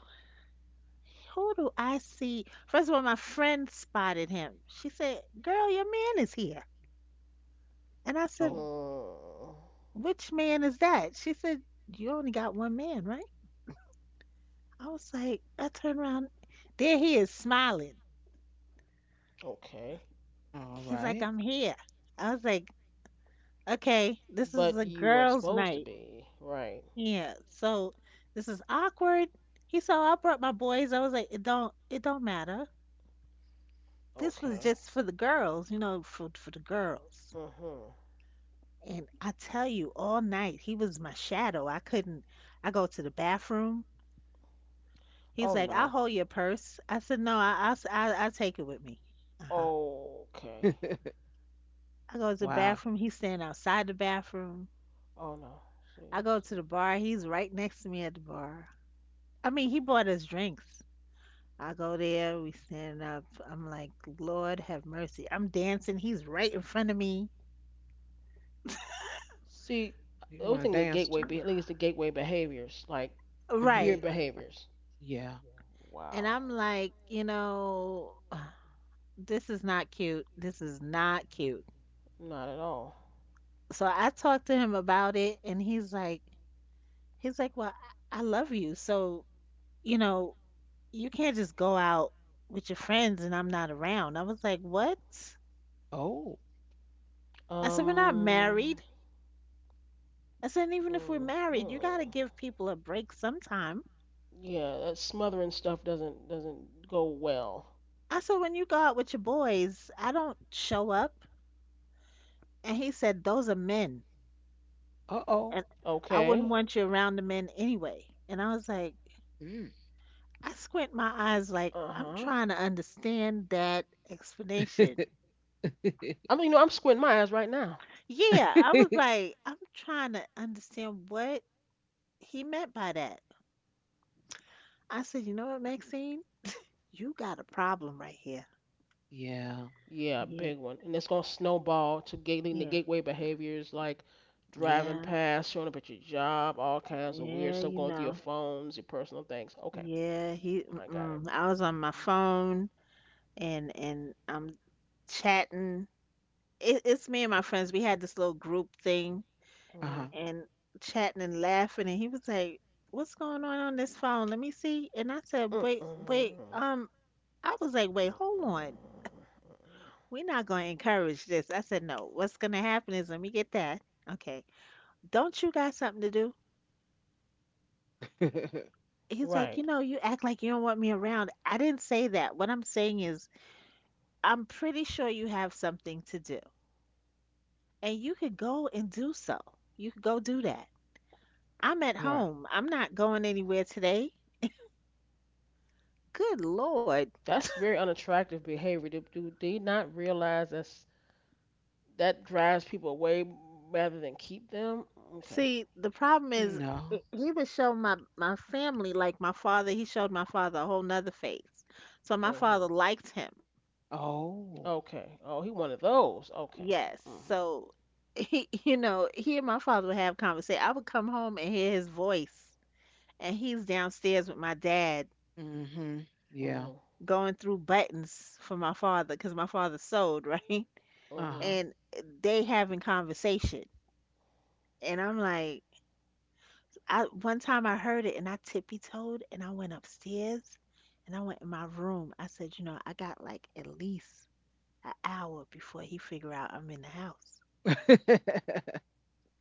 S3: Who do I see? First of all, my friend spotted him. She said, girl, your man is here. And I said,
S1: Oh.
S2: Mm,
S3: "Which man is that?" She said, "You only got one man, right?" I was like, I turned around. There he is smiling.
S2: okay.
S1: All
S3: He's like,
S1: right.
S3: "I'm here." I was like, "Okay, this is
S2: But
S3: a
S2: you weren't
S3: girls'
S2: supposed to
S3: night."
S2: be, right?
S3: Yeah. So this is awkward. He saw I brought my boys. I was like, "It don't matter. This was
S2: Okay.
S3: just for the girls, you know, for the girls."
S2: Mm-hmm.
S3: And I tell you, all night he was my shadow. I couldn't. I go to the bathroom. He's
S2: Oh
S3: like, "I'll
S2: no.
S3: hold your purse." I said, "No, I'll, I'll take it with me." Uh huh.
S2: Okay.
S3: I go to the
S1: Wow.
S3: bathroom. He's standing outside the bathroom.
S2: Oh no.
S3: I
S2: See,
S3: go
S2: see,
S3: to the bar. He's right next to me at the bar. I mean, he bought us drinks. I go there. We stand up. I'm like, "Lord, have mercy." I'm dancing. He's right in front of me.
S2: See. The
S1: You
S2: other
S1: want to
S2: thing, the
S1: dance
S2: gateway,
S1: too?
S2: leads to gateway behaviors, like weird
S3: Right.
S1: Mhm.
S2: behaviors.
S1: Yeah.
S3: And
S2: Wow.
S3: I'm like, you know, this is not cute. This is not cute.
S2: Not at all.
S3: So I talked to him about it and he's like, "Well, I love you. So, you know, you can't just go out with your friends and I'm not around." I was like, "What?"
S1: Oh.
S3: I said, "We're not
S2: Um.
S3: married." I said, "And even if we're married, you got
S2: Mm-hmm.
S3: to give people a break sometime."
S2: Yeah, that smothering stuff doesn't go well.
S3: I said, "When you go out with your boys, I don't show up." And he said, "Those are men. And
S1: Uh-oh.
S3: I wouldn't
S2: Okay.
S3: want you around the men anyway." And I was like,
S1: Mm.
S3: I squint my eyes like
S2: Uh
S3: I'm
S2: huh.
S3: trying to understand that explanation.
S2: I mean, you know, I'm squinting my eyes right now.
S3: Yeah, I was like, I'm trying to understand what he meant by that. I said, "You know what, Maxine? You got a problem right here."
S1: Yeah.
S2: Yeah,
S3: Yeah.
S2: big one, and it's gonna snowball to leading to
S3: Yeah.
S2: gateway behaviors like driving
S3: Yeah.
S2: past, showing up at your job, all kinds of weird
S3: Yeah,
S2: stuff
S3: you
S2: going through your
S3: know.
S2: phones, your personal things. Okay,
S3: Yeah, he
S2: I got it.
S3: mm-mm. I was on my phone and I'm chatting. It's me and my friends. We had this little group thing
S2: Mhm.
S1: Uh-huh.
S3: and chatting and laughing and he was like, "What's going on this phone? Let me see." And I said, "Wait, wait.
S2: Mm-mm.
S3: I was like, wait, hold on. We're not going to encourage this." I said, "No. What's going to happen is let me get that. Okay. Don't you got something to do?" He's like,
S2: Right.
S3: "You know, you act like you don't want me around." I didn't say that. What I'm saying is, I'm pretty sure you have something to do. And you could go and do so. You could go do that. I'm at
S1: Right.
S3: home. I'm not going anywhere today. Good Lord.
S2: That's very unattractive behavior. Do they not realize that's that drives people away rather than keep them? Okay.
S3: See, the problem is,
S1: No.
S3: he would show my, my family, like my father. He showed my father a whole nother face. So my father
S2: hmm
S3: liked him.
S1: Oh.
S2: Okay. Oh, he one of those. Okay.
S3: Yes.
S2: Mhm.
S3: So he, you know, he and my father would have conversation. I would come home and hear his voice, and he's downstairs with my dad
S1: Mhm. Yeah.
S2: Mhm.
S3: going through buttons for my father because my father sold, right?
S2: Mhm.
S1: Uh-huh.
S3: And they having conversation. And I'm like, I one time I heard it and I tippy toed and I went upstairs and I went in my room. I said, you know, I got like at least an hour before he figure out I'm in the house.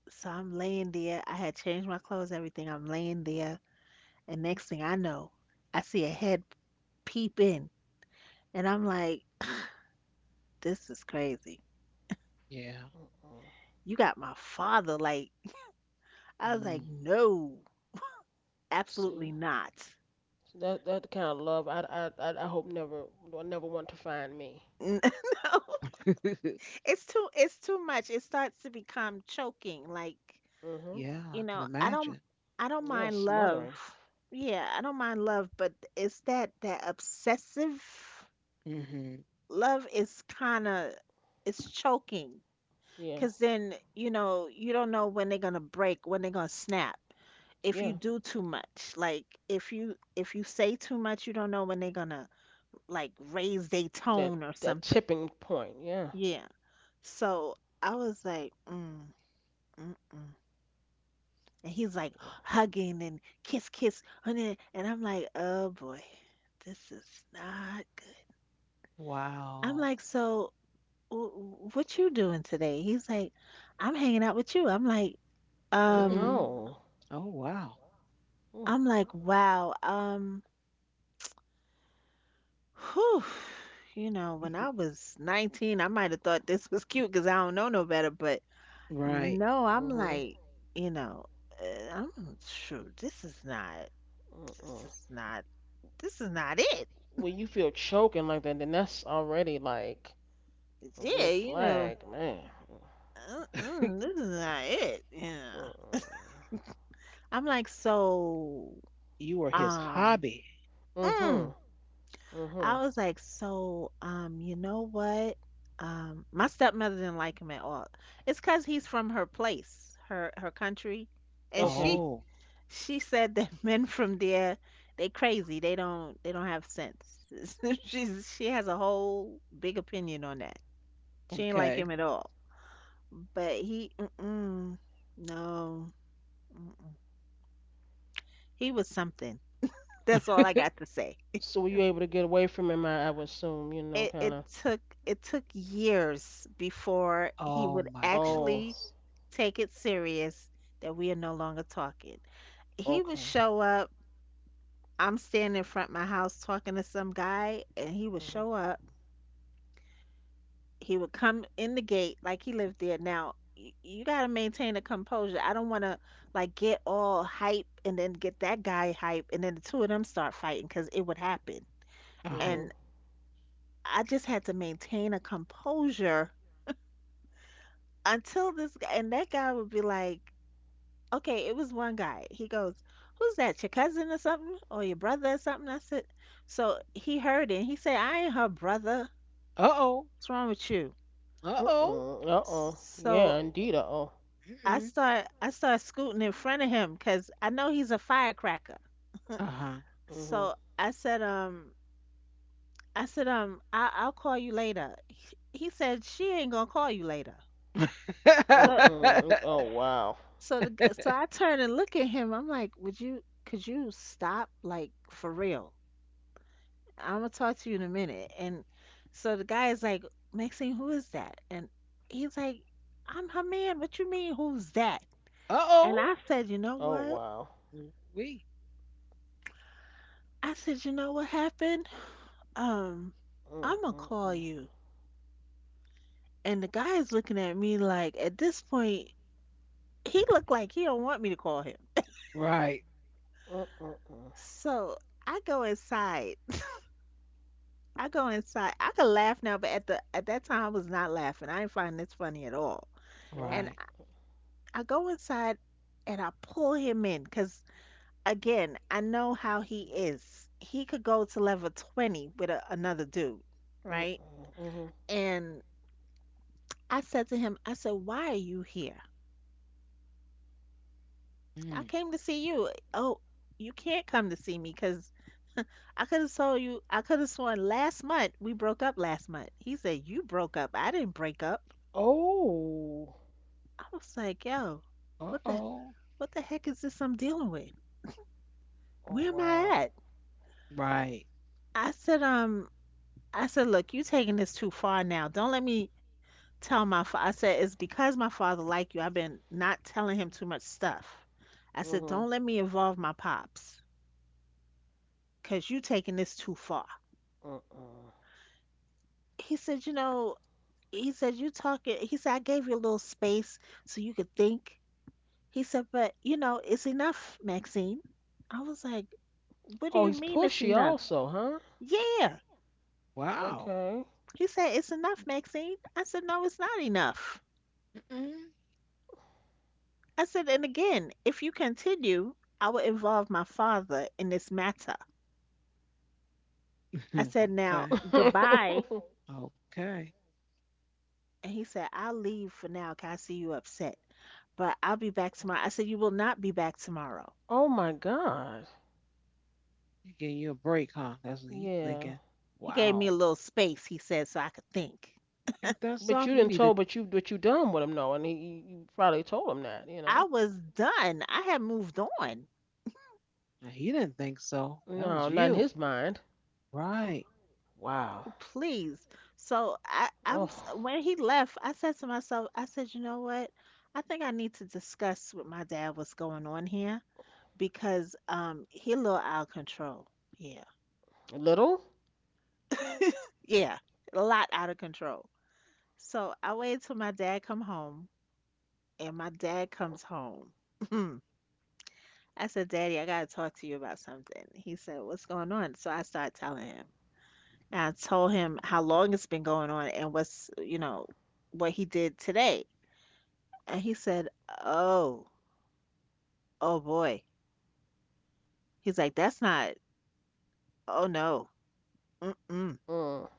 S3: So I'm laying there. I had changed my clothes, everything. I'm laying there. And next thing I know, I see a head peep in. And I'm like, this is crazy.
S1: Yeah.
S2: Mhm.
S3: You got my father. Like, I was like, no, absolutely
S2: See,
S3: not.
S2: so that that kind of love I hope never. I never want to find me.
S3: No, it's too much. It starts to become choking. Like,
S2: Mhm.
S1: Yeah, I
S3: you
S1: can
S3: know,
S1: imagine.
S3: I don't
S2: Yeah,
S3: mind love.
S2: smothering.
S3: Yeah, I don't mind love, but it's that, that obsessive
S1: Hmm.
S3: love is kind of, it's choking.
S2: Yeah.
S3: Because then, you know, you don't know when they're gonna break, when they're gonna snap. If you
S2: Yeah.
S3: do too much, like if you say too much, you don't know when they're gonna like raise their
S2: That
S3: tone or
S2: that
S3: something.
S2: tipping point. Yeah.
S3: Yeah. So I was like, mm, mm, mm. And he's like
S2: Yeah.
S3: hugging and kiss, kiss, and then- and I'm like, oh boy, this is not good. I'm
S1: Wow.
S3: like, so what you doing today? He's like, I'm hanging out with you.
S2: Mm,
S3: Um.
S1: Mm-mm.
S2: no.
S1: Oh, wow.
S2: Mm.
S3: I'm like, wow, whew, you know, when I was 19, I might have thought this was cute because I don't know no better, but
S1: Right.
S3: no, I'm
S2: Mhm.
S3: like, you know, I'm shoot, this is not, this
S2: Mhm.
S3: is not, this is not it.
S2: When you feel choking like that, then that's already like a
S3: Yeah,
S2: red
S3: you know,
S2: flag, man.
S3: uh-uh, this is not it.
S2: Mm.
S3: Yeah. I'm like, so,
S1: You were his
S3: um,
S1: hobby.
S3: mm,
S2: Mhm.
S3: I
S2: Mhm.
S3: was like, so, you know what? My stepmother didn't like him at all. It's 'cause he's from her place, her country, and
S2: Okay.
S1: Oh,
S3: she said that men from there they crazy. They don't have sense. She has a whole big opinion on that. She ain't like
S1: okay.
S3: him at all. But he, mm-mm, no, mm-mm. He was something. That's all I got to say.
S2: So were you able to get away from him? I would assume, you know,
S3: it,
S2: kind
S3: it
S2: of.
S3: it took years before he
S1: Oh
S3: would
S1: my
S2: Oh,
S3: actually
S1: goodness.
S3: take it serious that we are no longer talking. He would
S2: okay.
S3: show up. I'm standing in front of my house talking to some guy, and he would
S2: Mhm.
S3: show up. He would come in the gate like he lived there. Now you gotta maintain a composure. I don't want to like get all hype and then get that guy hype, and then the two of them start fighting because it would happen.
S1: Uh huh.
S3: And
S2: Mhm.
S3: I just had to maintain a composure until this guy and that guy would be like, okay. It was one guy. He goes, "Who's that? Your cousin or something, or your brother or something?" I said, so he heard it. And he said, "I ain't her brother.
S1: Uh oh.
S3: What's wrong with you?"
S1: Uh oh.
S2: Mm-mm. Uh oh.
S3: So
S2: Yeah, indeed. Uh oh.
S1: Mm-mm.
S3: I start scooting in front of him because I know he's a firecracker.
S1: Uh
S2: Mhm.
S3: So I said, "Um, I I'll call you later." He said, "She ain't gonna call you later." So
S1: huh.
S2: Mm-mm. Oh wow.
S3: so
S1: Uh
S3: so I turn and look at him. I'm like, "Would you could you stop like for real? I'm gonna talk to you in a minute." And so the guy is like, "Maxine, who is that?" And he's like, "I'm her man. What you mean, who's that?"
S1: oh.
S3: And I said, "You know
S2: Oh
S3: what?"
S2: wow.
S1: We.
S3: I said, "You know what happened? Um,
S2: Uh
S3: I'm gonna
S2: mm
S3: call you." And the guy's looking at me like, at this point, he looked like he don't want me to call him.
S1: Right.
S2: Uh mm Uh.
S3: So I go inside I go inside. I could laugh now, but at the at that time I was not laughing. I didn't find this funny at all.
S2: Well,
S3: And
S1: Right.
S3: I go inside and I pull him in because again, I know how he is. He could go to level 20 with a, another dude,
S2: mm
S3: right?
S2: mm mhm.
S3: And I said to him, I said, "Why are you here? I
S1: Mm.
S3: came to see you. Oh, you can't come to see me because I could have told you. I could have sworn last month we broke up last month." He said, "You broke up. I didn't break up."
S2: Oh.
S3: I was like, "Yo,
S1: Uh
S3: what the
S1: oh.
S3: what the heck is this I'm dealing with?
S2: Oh
S3: Where am I
S2: wow.
S3: at?"
S1: Right.
S3: I said, um, I said, "Look, you taking this too far now. Don't let me tell my father." I said, "It's because my father like you. I've been not telling him too much stuff." I said,
S2: Mhm.
S3: "Don't let me involve my pops, cause you taking this too far."
S2: Uh mm.
S3: He said, you know, he said, "You talking." He said, "I gave you a little space so you could think." He said, "But you know, it's enough, Maxine." I was like, "What do
S2: Oh,
S3: you
S2: he's
S3: mean it's
S2: pushy
S3: enough?"
S2: also, huh?
S3: Yeah.
S1: Wow.
S2: Okay.
S3: He said, "It's enough, Maxine." I said, "No, it's not enough."
S1: Mm-mm.
S3: I said, "And again, if you continue, I will involve my father in this matter." I said, "Now,
S1: Okay.
S3: goodbye."
S1: Okay.
S3: And he said, "I'll leave for now, 'cause I see you upset, but I'll be back tomorrow." I said, "You will not be back tomorrow."
S2: Oh my God.
S1: He giving you a break, huh? That's what he's
S2: Yeah.
S1: thinking.
S3: He gave me a
S1: Wow.
S3: little space, he said, so I could think.
S1: Ain't that
S2: But
S1: something?
S2: you
S1: You
S2: didn't
S1: need to.
S2: tell. But you done with him though, and he you you probably told him that, you
S3: I
S2: know.
S3: was done. I had moved on.
S1: Now, he didn't think so. That was
S2: No, not in
S1: you.
S2: his mind.
S1: Right.
S2: Wow.
S3: Please. So I'm
S2: Oh,
S3: when he left, I said to myself, I said, "You know what? I think I need to discuss with my dad what's going on here because he a little out of control." Yeah,
S2: little.
S3: yeah, a lot out of control. So I waited till my dad come home, and my dad comes home. I said, "Daddy, I gotta talk to you about something." He said, "What's going on?" So I started telling him. And I told him how long it's been going on and what he did today. And he said, "Oh, oh boy." He's like, "That's not, oh no, mm-mm."
S2: Mm,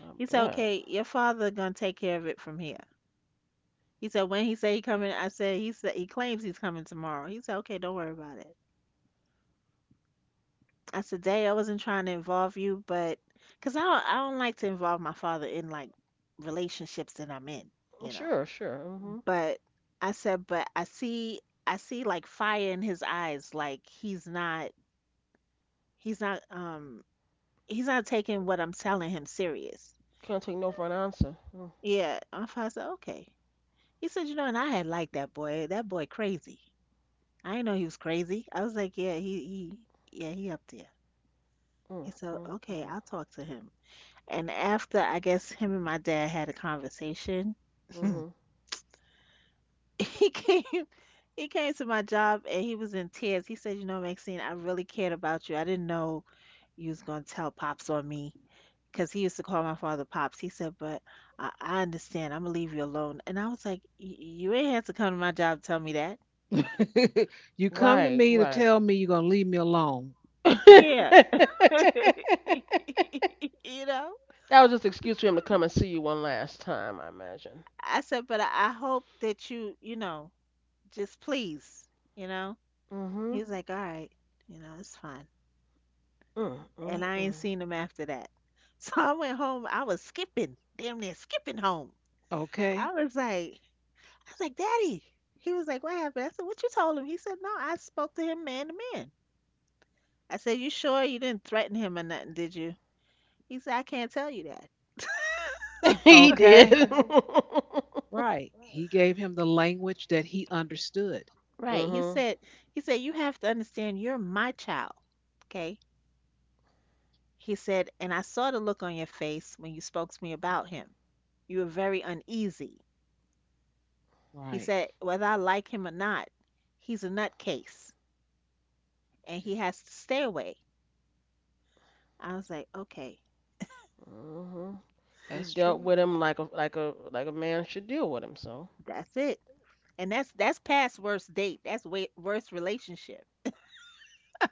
S2: I
S3: He said,
S2: bet.
S3: "Okay, your father gonna take care of it from here." He said, "When he say he coming," I said he claims he's coming tomorrow." He said, "Okay, don't worry about it." I said, "Day, I wasn't trying to involve you, but because I don't like to involve my father in like relationships that I'm in, you know."
S2: Sure, sure. Mhm.
S3: But I said, "But I see like fire in his eyes, like he's not." He's not he's not taking what I'm telling him serious.
S2: Can't take no for an answer.
S3: Yeah. I said, okay. He said, and I had liked that boy. That boy crazy. I didn't know he was crazy. I was like, yeah, he, yeah, he up there. He said, okay,
S2: Mm.
S3: I'll talk to him. And after I guess him and my dad had a conversation,
S2: Mhm.
S3: he came, he came to my job and he was in tears. He said, Maxine, I really cared about you. I didn't know you was gonna tell pops on me, because he used to call my father Pops. He said, "But I understand. I'm going to leave you alone." And I was like, You ain't had to come to my job to tell me that."
S1: You come to
S2: Right,
S1: me to
S2: right.
S1: tell me you're going to leave me alone.
S3: Yeah.
S2: That
S3: You know?
S2: was just an excuse for him to come and see you one last time, I imagine.
S3: I said, "But I hope that you just please, you know?" He
S2: Mhm.
S3: was like, "All right, you know, it's fine." And I ain't
S2: Mm.
S3: seen him after that. So I went home. I was skipping, damn near skipping home.
S1: Okay.
S3: I was like, Daddy. He was like, "What happened?" I said, "What you told him?" He said, "No, I spoke to him man to man." I said, "You sure you didn't threaten him or nothing, did you?" He said, "I can't tell you that."
S2: He
S1: Okay.
S2: did.
S1: Right. He gave him the language that he understood.
S3: Right.
S2: Mhm.
S3: He said, "You have to understand you're my child." Okay. He said, "And I saw the look on your face when you spoke to me about him. You were very uneasy." He
S1: Right.
S3: said, "Whether I like him or not, he's a nutcase and he has to stay away." I was like, "Okay,
S2: hmm He
S1: That's
S2: dealt
S1: true.
S2: with him like a man should deal with him. So,
S3: that's it." And that's past worst date. That's way, worst relationship.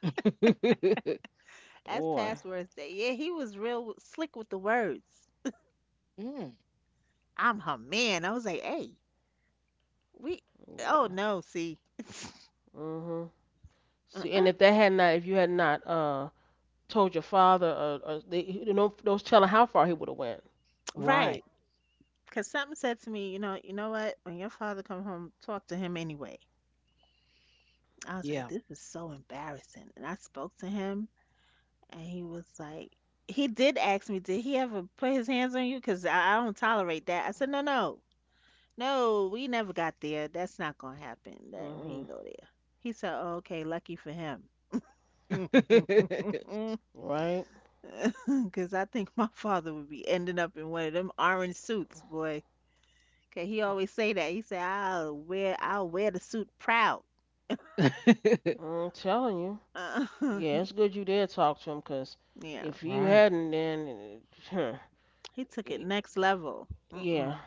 S3: That's
S2: boy,
S3: past worst date. Yeah, he was real slick with the words.
S1: Mm,
S3: I'm her man. I was like, hey, we, oh
S2: yeah.
S3: no, see,
S2: hmm See, and
S3: uh-uh.
S2: if you had not told your father, they, you know, those telling how far he would have went.
S1: right.
S3: Right. Because something said to me, you know what? When your father come home, talk to him anyway. I was like,
S1: Yeah.
S3: this is so embarrassing. And I spoke to him, and he was like, he did ask me, did he ever put his hands on you? Because I don't tolerate that. I said, no, no, no, we never got there. That's not gonna happen. That we
S2: Hmm
S3: ain't go there. He said, oh, okay, lucky for him.
S1: Right.
S2: Right?
S3: Because I think my father would be ending up in one of them orange suits, boy. 'Kay, he always say that. He said, I'll wear the suit proud.
S2: I'm telling you.
S3: Uh,
S2: Yeah, it's good you did talk to him, 'cause
S3: yeah,
S2: if you hadn't, then, huh,
S3: he took it
S2: y-
S3: next level. Mm-mm.
S2: yeah.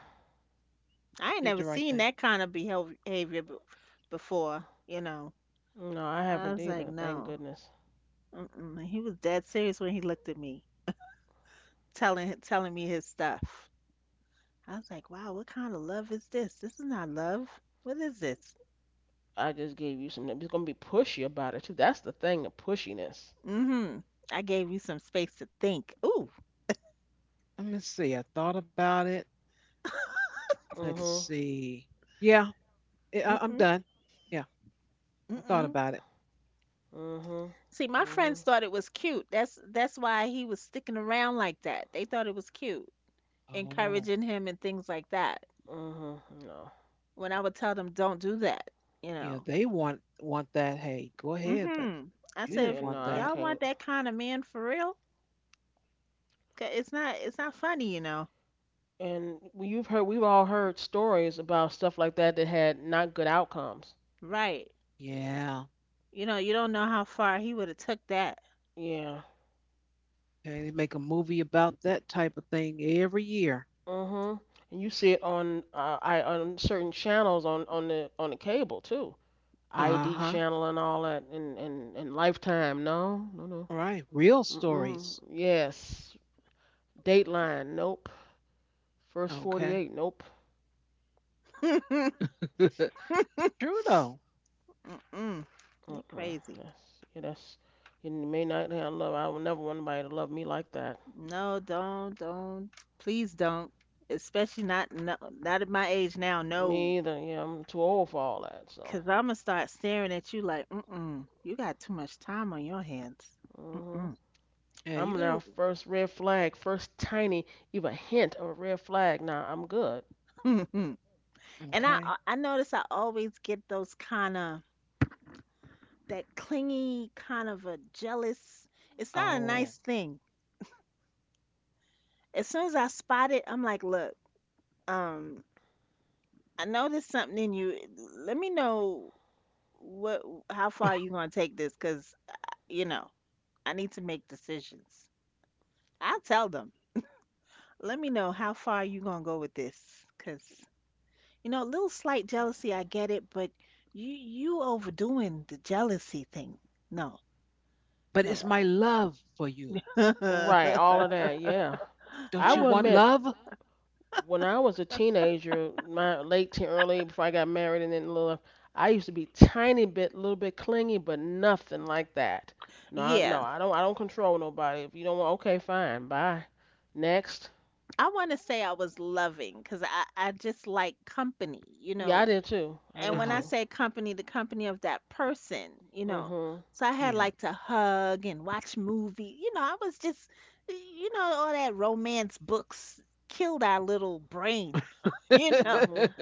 S3: I ain't
S1: Did
S3: never
S1: the right
S3: seen
S1: thing.
S3: that kind of behavior before, you know.
S2: No, I
S3: I
S2: haven't
S3: was like,
S2: either. Thank
S3: no.
S2: goodness.
S3: Mm-mm. And he was dead serious when he looked at me, telling me his stuff. I was like, wow, what kind of love is this? This is not love. What is this?
S2: I just gave you some. It's gonna be pushy about it too. That's the thing, the pushiness.
S3: Mhm. I gave you some space to think. Ooh.
S1: Let me see. I thought about it. Let's
S2: Hmm
S1: see. Yeah, I'm
S3: Mm-mm.
S1: done. Yeah, I thought
S3: Mm-mm.
S1: about it.
S2: Mhm.
S3: See, my friends
S2: Mhm.
S3: thought it was cute. That's why he was sticking around like that. They thought it was cute,
S1: Oh,
S3: encouraging him and things like that.
S2: Mhm. No.
S3: When I would tell them, "Don't do that," you
S1: yeah,
S3: know.
S1: they want that. Hey, go ahead, but
S3: Mhm. I
S1: you
S3: said,
S1: didn't
S3: if
S2: Yeah,
S1: want
S2: no, I
S1: that.
S3: "Y'all want
S2: can't.
S3: that kind of man for real? 'Cause it's not funny, you know."
S2: And you've heard, we've all heard stories about stuff like that that had not good outcomes.
S3: Right.
S1: Yeah.
S3: You know, you don't know how far he would have took that.
S2: Yeah.
S1: Okay, they make a movie about that type of thing every year.
S2: Mhm. And you see it on I on certain channels on on the cable too.
S1: Uh
S2: ID
S1: huh.
S2: channel and all that and Lifetime. No, no, no.
S1: All right, real
S2: Mm-mm.
S1: stories.
S2: Yes. Dateline. Nope. First
S1: Okay.
S2: 48. Nope.
S1: True though.
S3: Mm-mm. They
S2: Mm-mm.
S3: crazy.
S2: That's yeah. That's you may not have love. I would never want anybody to love me like that.
S3: No, don't, don't. Please don't. Especially not no, not at my age now. No,
S2: Me either. Yeah, I'm too old for all that. So.
S3: cause I'm gonna start staring at you like, mm-mm, you got too much time on your hands.
S2: Hmm
S1: Yeah, you
S2: I'm
S1: gonna
S2: now first red flag, first tiny even hint of a red flag. Now I'm good.
S3: Mm. And
S1: okay.
S3: I notice I always get those kind of that clingy kind of a jealous. It's not a
S1: Oh,
S3: nice thing. As soon as I spot it, I'm like, look, um, I noticed something in you. Let me know what how far you gonna take this, cause you know. I need to make decisions. I'll tell them. Let me know how far you gonna go with this, cause you know, a little slight jealousy, I get it, but you overdoing the jealousy thing. No,
S1: but it's
S3: no.
S1: my love for you.
S2: Right, all of that. Yeah.
S1: Don't
S2: I
S1: you
S2: would
S1: want
S2: admit,
S1: love? Uh
S2: when I was a teenager, my late teen, early before I got married and then left, I used to be tiny bit, little bit clingy, but nothing like that. No, no,
S3: Yeah,
S2: I don't control nobody. If you don't want, okay, fine, bye. Next,
S3: I want to say I was loving because I just like company, you
S2: yeah,
S3: know,
S2: I did too. I
S3: and
S2: did
S3: when I
S1: huh.
S2: too.
S3: say company, the company of that person, you know.
S2: Mhm,
S3: So I had
S1: Yeah.
S3: like to hug and watch movie. You know, I was just, you know, all that romance books killed our little brain. You know,
S2: mhm,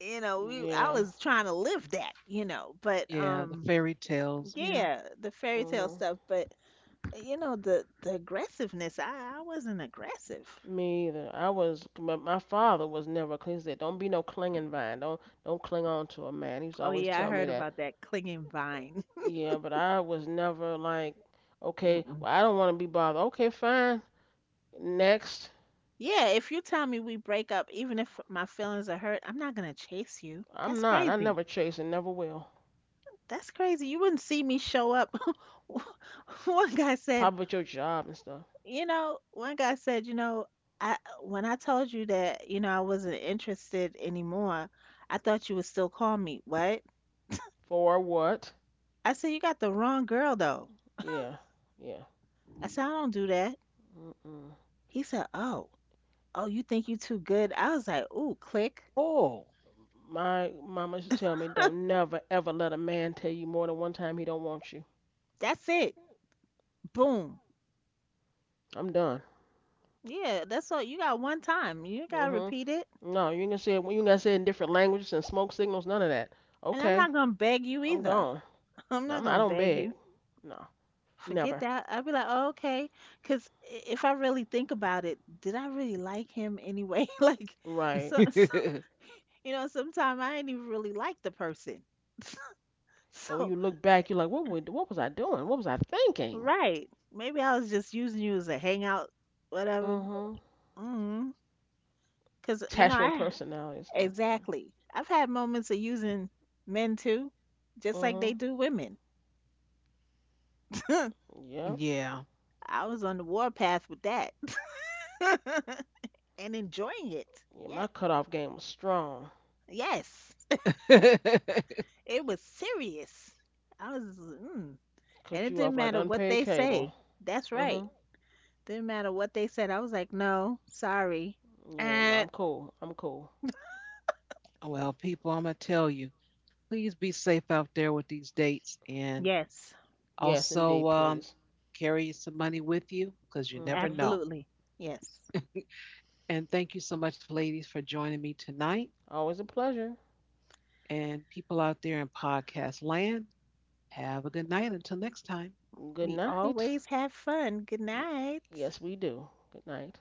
S3: you know, we I
S2: yeah,
S3: was trying to live that. You know, but
S1: Yeah, the fairy tales. Yeah.
S3: yeah, the fairy tale
S2: mhm.
S3: stuff. But you know, the aggressiveness. I wasn't aggressive.
S2: Me either. I was, but my father was never clean. He said, "Don't be no clinging vine. Don't cling on to a man." He was
S3: Oh
S2: always
S3: yeah, I
S2: telling me
S3: heard
S2: that.
S3: about that clinging vine.
S2: Yeah, but I was never like, okay, well, I don't want to be bothered. Okay, fine. Next.
S3: Yeah, if you tell me we break up, even if my feelings are hurt, I'm not gonna chase you.
S2: I'm
S3: That's
S2: not. I
S3: crazy.
S2: never chase and never will.
S3: That's crazy. You wouldn't see me show up. One guy said,
S2: Probably at your job and stuff.
S3: One guy said, you know, I "When I told you that, you know, I wasn't interested anymore, I thought you would still call me." What?
S2: For what?
S3: I said, "You got the wrong girl though."
S2: Yeah. Yeah.
S3: I said, "I don't do that."
S2: Mm-mm.
S3: He said, "Oh, oh, you think you too good?" I was like, ooh, click.
S1: Oh,
S2: My mama used to tell me, don't never ever let a man tell you more than one time he don't want you.
S3: That's it. Boom.
S2: I'm done.
S3: Yeah, that's all. You got one time. You gotta repeat it.
S2: Mm-hmm. No, you ain't gonna say it. You ain't gonna say it in different languages and smoke signals. None of that.
S3: And I'm
S2: Okay,
S3: not gonna beg you
S2: I'm
S3: either.
S2: gone.
S3: I'm
S2: No,
S3: not
S2: I'm not, I
S3: gonna
S2: don't
S3: beg
S2: beg.
S3: you.
S2: No,
S3: Forget
S2: never.
S3: that. I'd be like, oh, okay. Because if I really think about it, did I really like him anyway? Like,
S2: Right.
S3: so you know, sometimes I ain't even really like the person.
S2: And when
S3: So,
S2: you look back, you're like, what was I doing? What was I thinking?
S3: right. Maybe I was just using you as a hangout, whatever.
S2: Mm-hmm.
S3: Mm. Because, you know,
S2: Attachment
S3: I
S2: personality stuff. Yeah.
S3: exactly. I've had moments of using men too, just like they
S2: Mm-hmm.
S3: do women.
S2: Yep.
S1: yeah.
S3: I was on the warpath with that and enjoying it.
S2: Yeah,
S3: Yes,
S2: my cutoff game was strong.
S3: yes, it was serious. I was, mm. And
S2: Cut
S3: it
S2: you
S3: didn't
S2: off like
S3: matter what
S2: unpaid
S3: they
S2: cable.
S3: say. That's right.
S2: Mm-hmm.
S3: Didn't matter what they said. I was like, no, sorry.
S2: Yeah, no,
S3: And
S2: I'm cool. I'm cool.
S1: Well, people, I'm gonna tell you, please be safe out there with these dates, and
S3: yes,
S2: Yes, indeed,
S1: also
S2: please.
S1: carry some money with you because you never
S2: Mm-hmm.
S1: know.
S3: absolutely. Yes,
S1: And thank you so much, ladies, for joining me tonight.
S2: Always a pleasure.
S1: And people out there in podcast land, have a good night. Until next time.
S2: Good
S3: we
S2: night.
S3: always have fun. Good night.
S2: Yes, we do. Good night.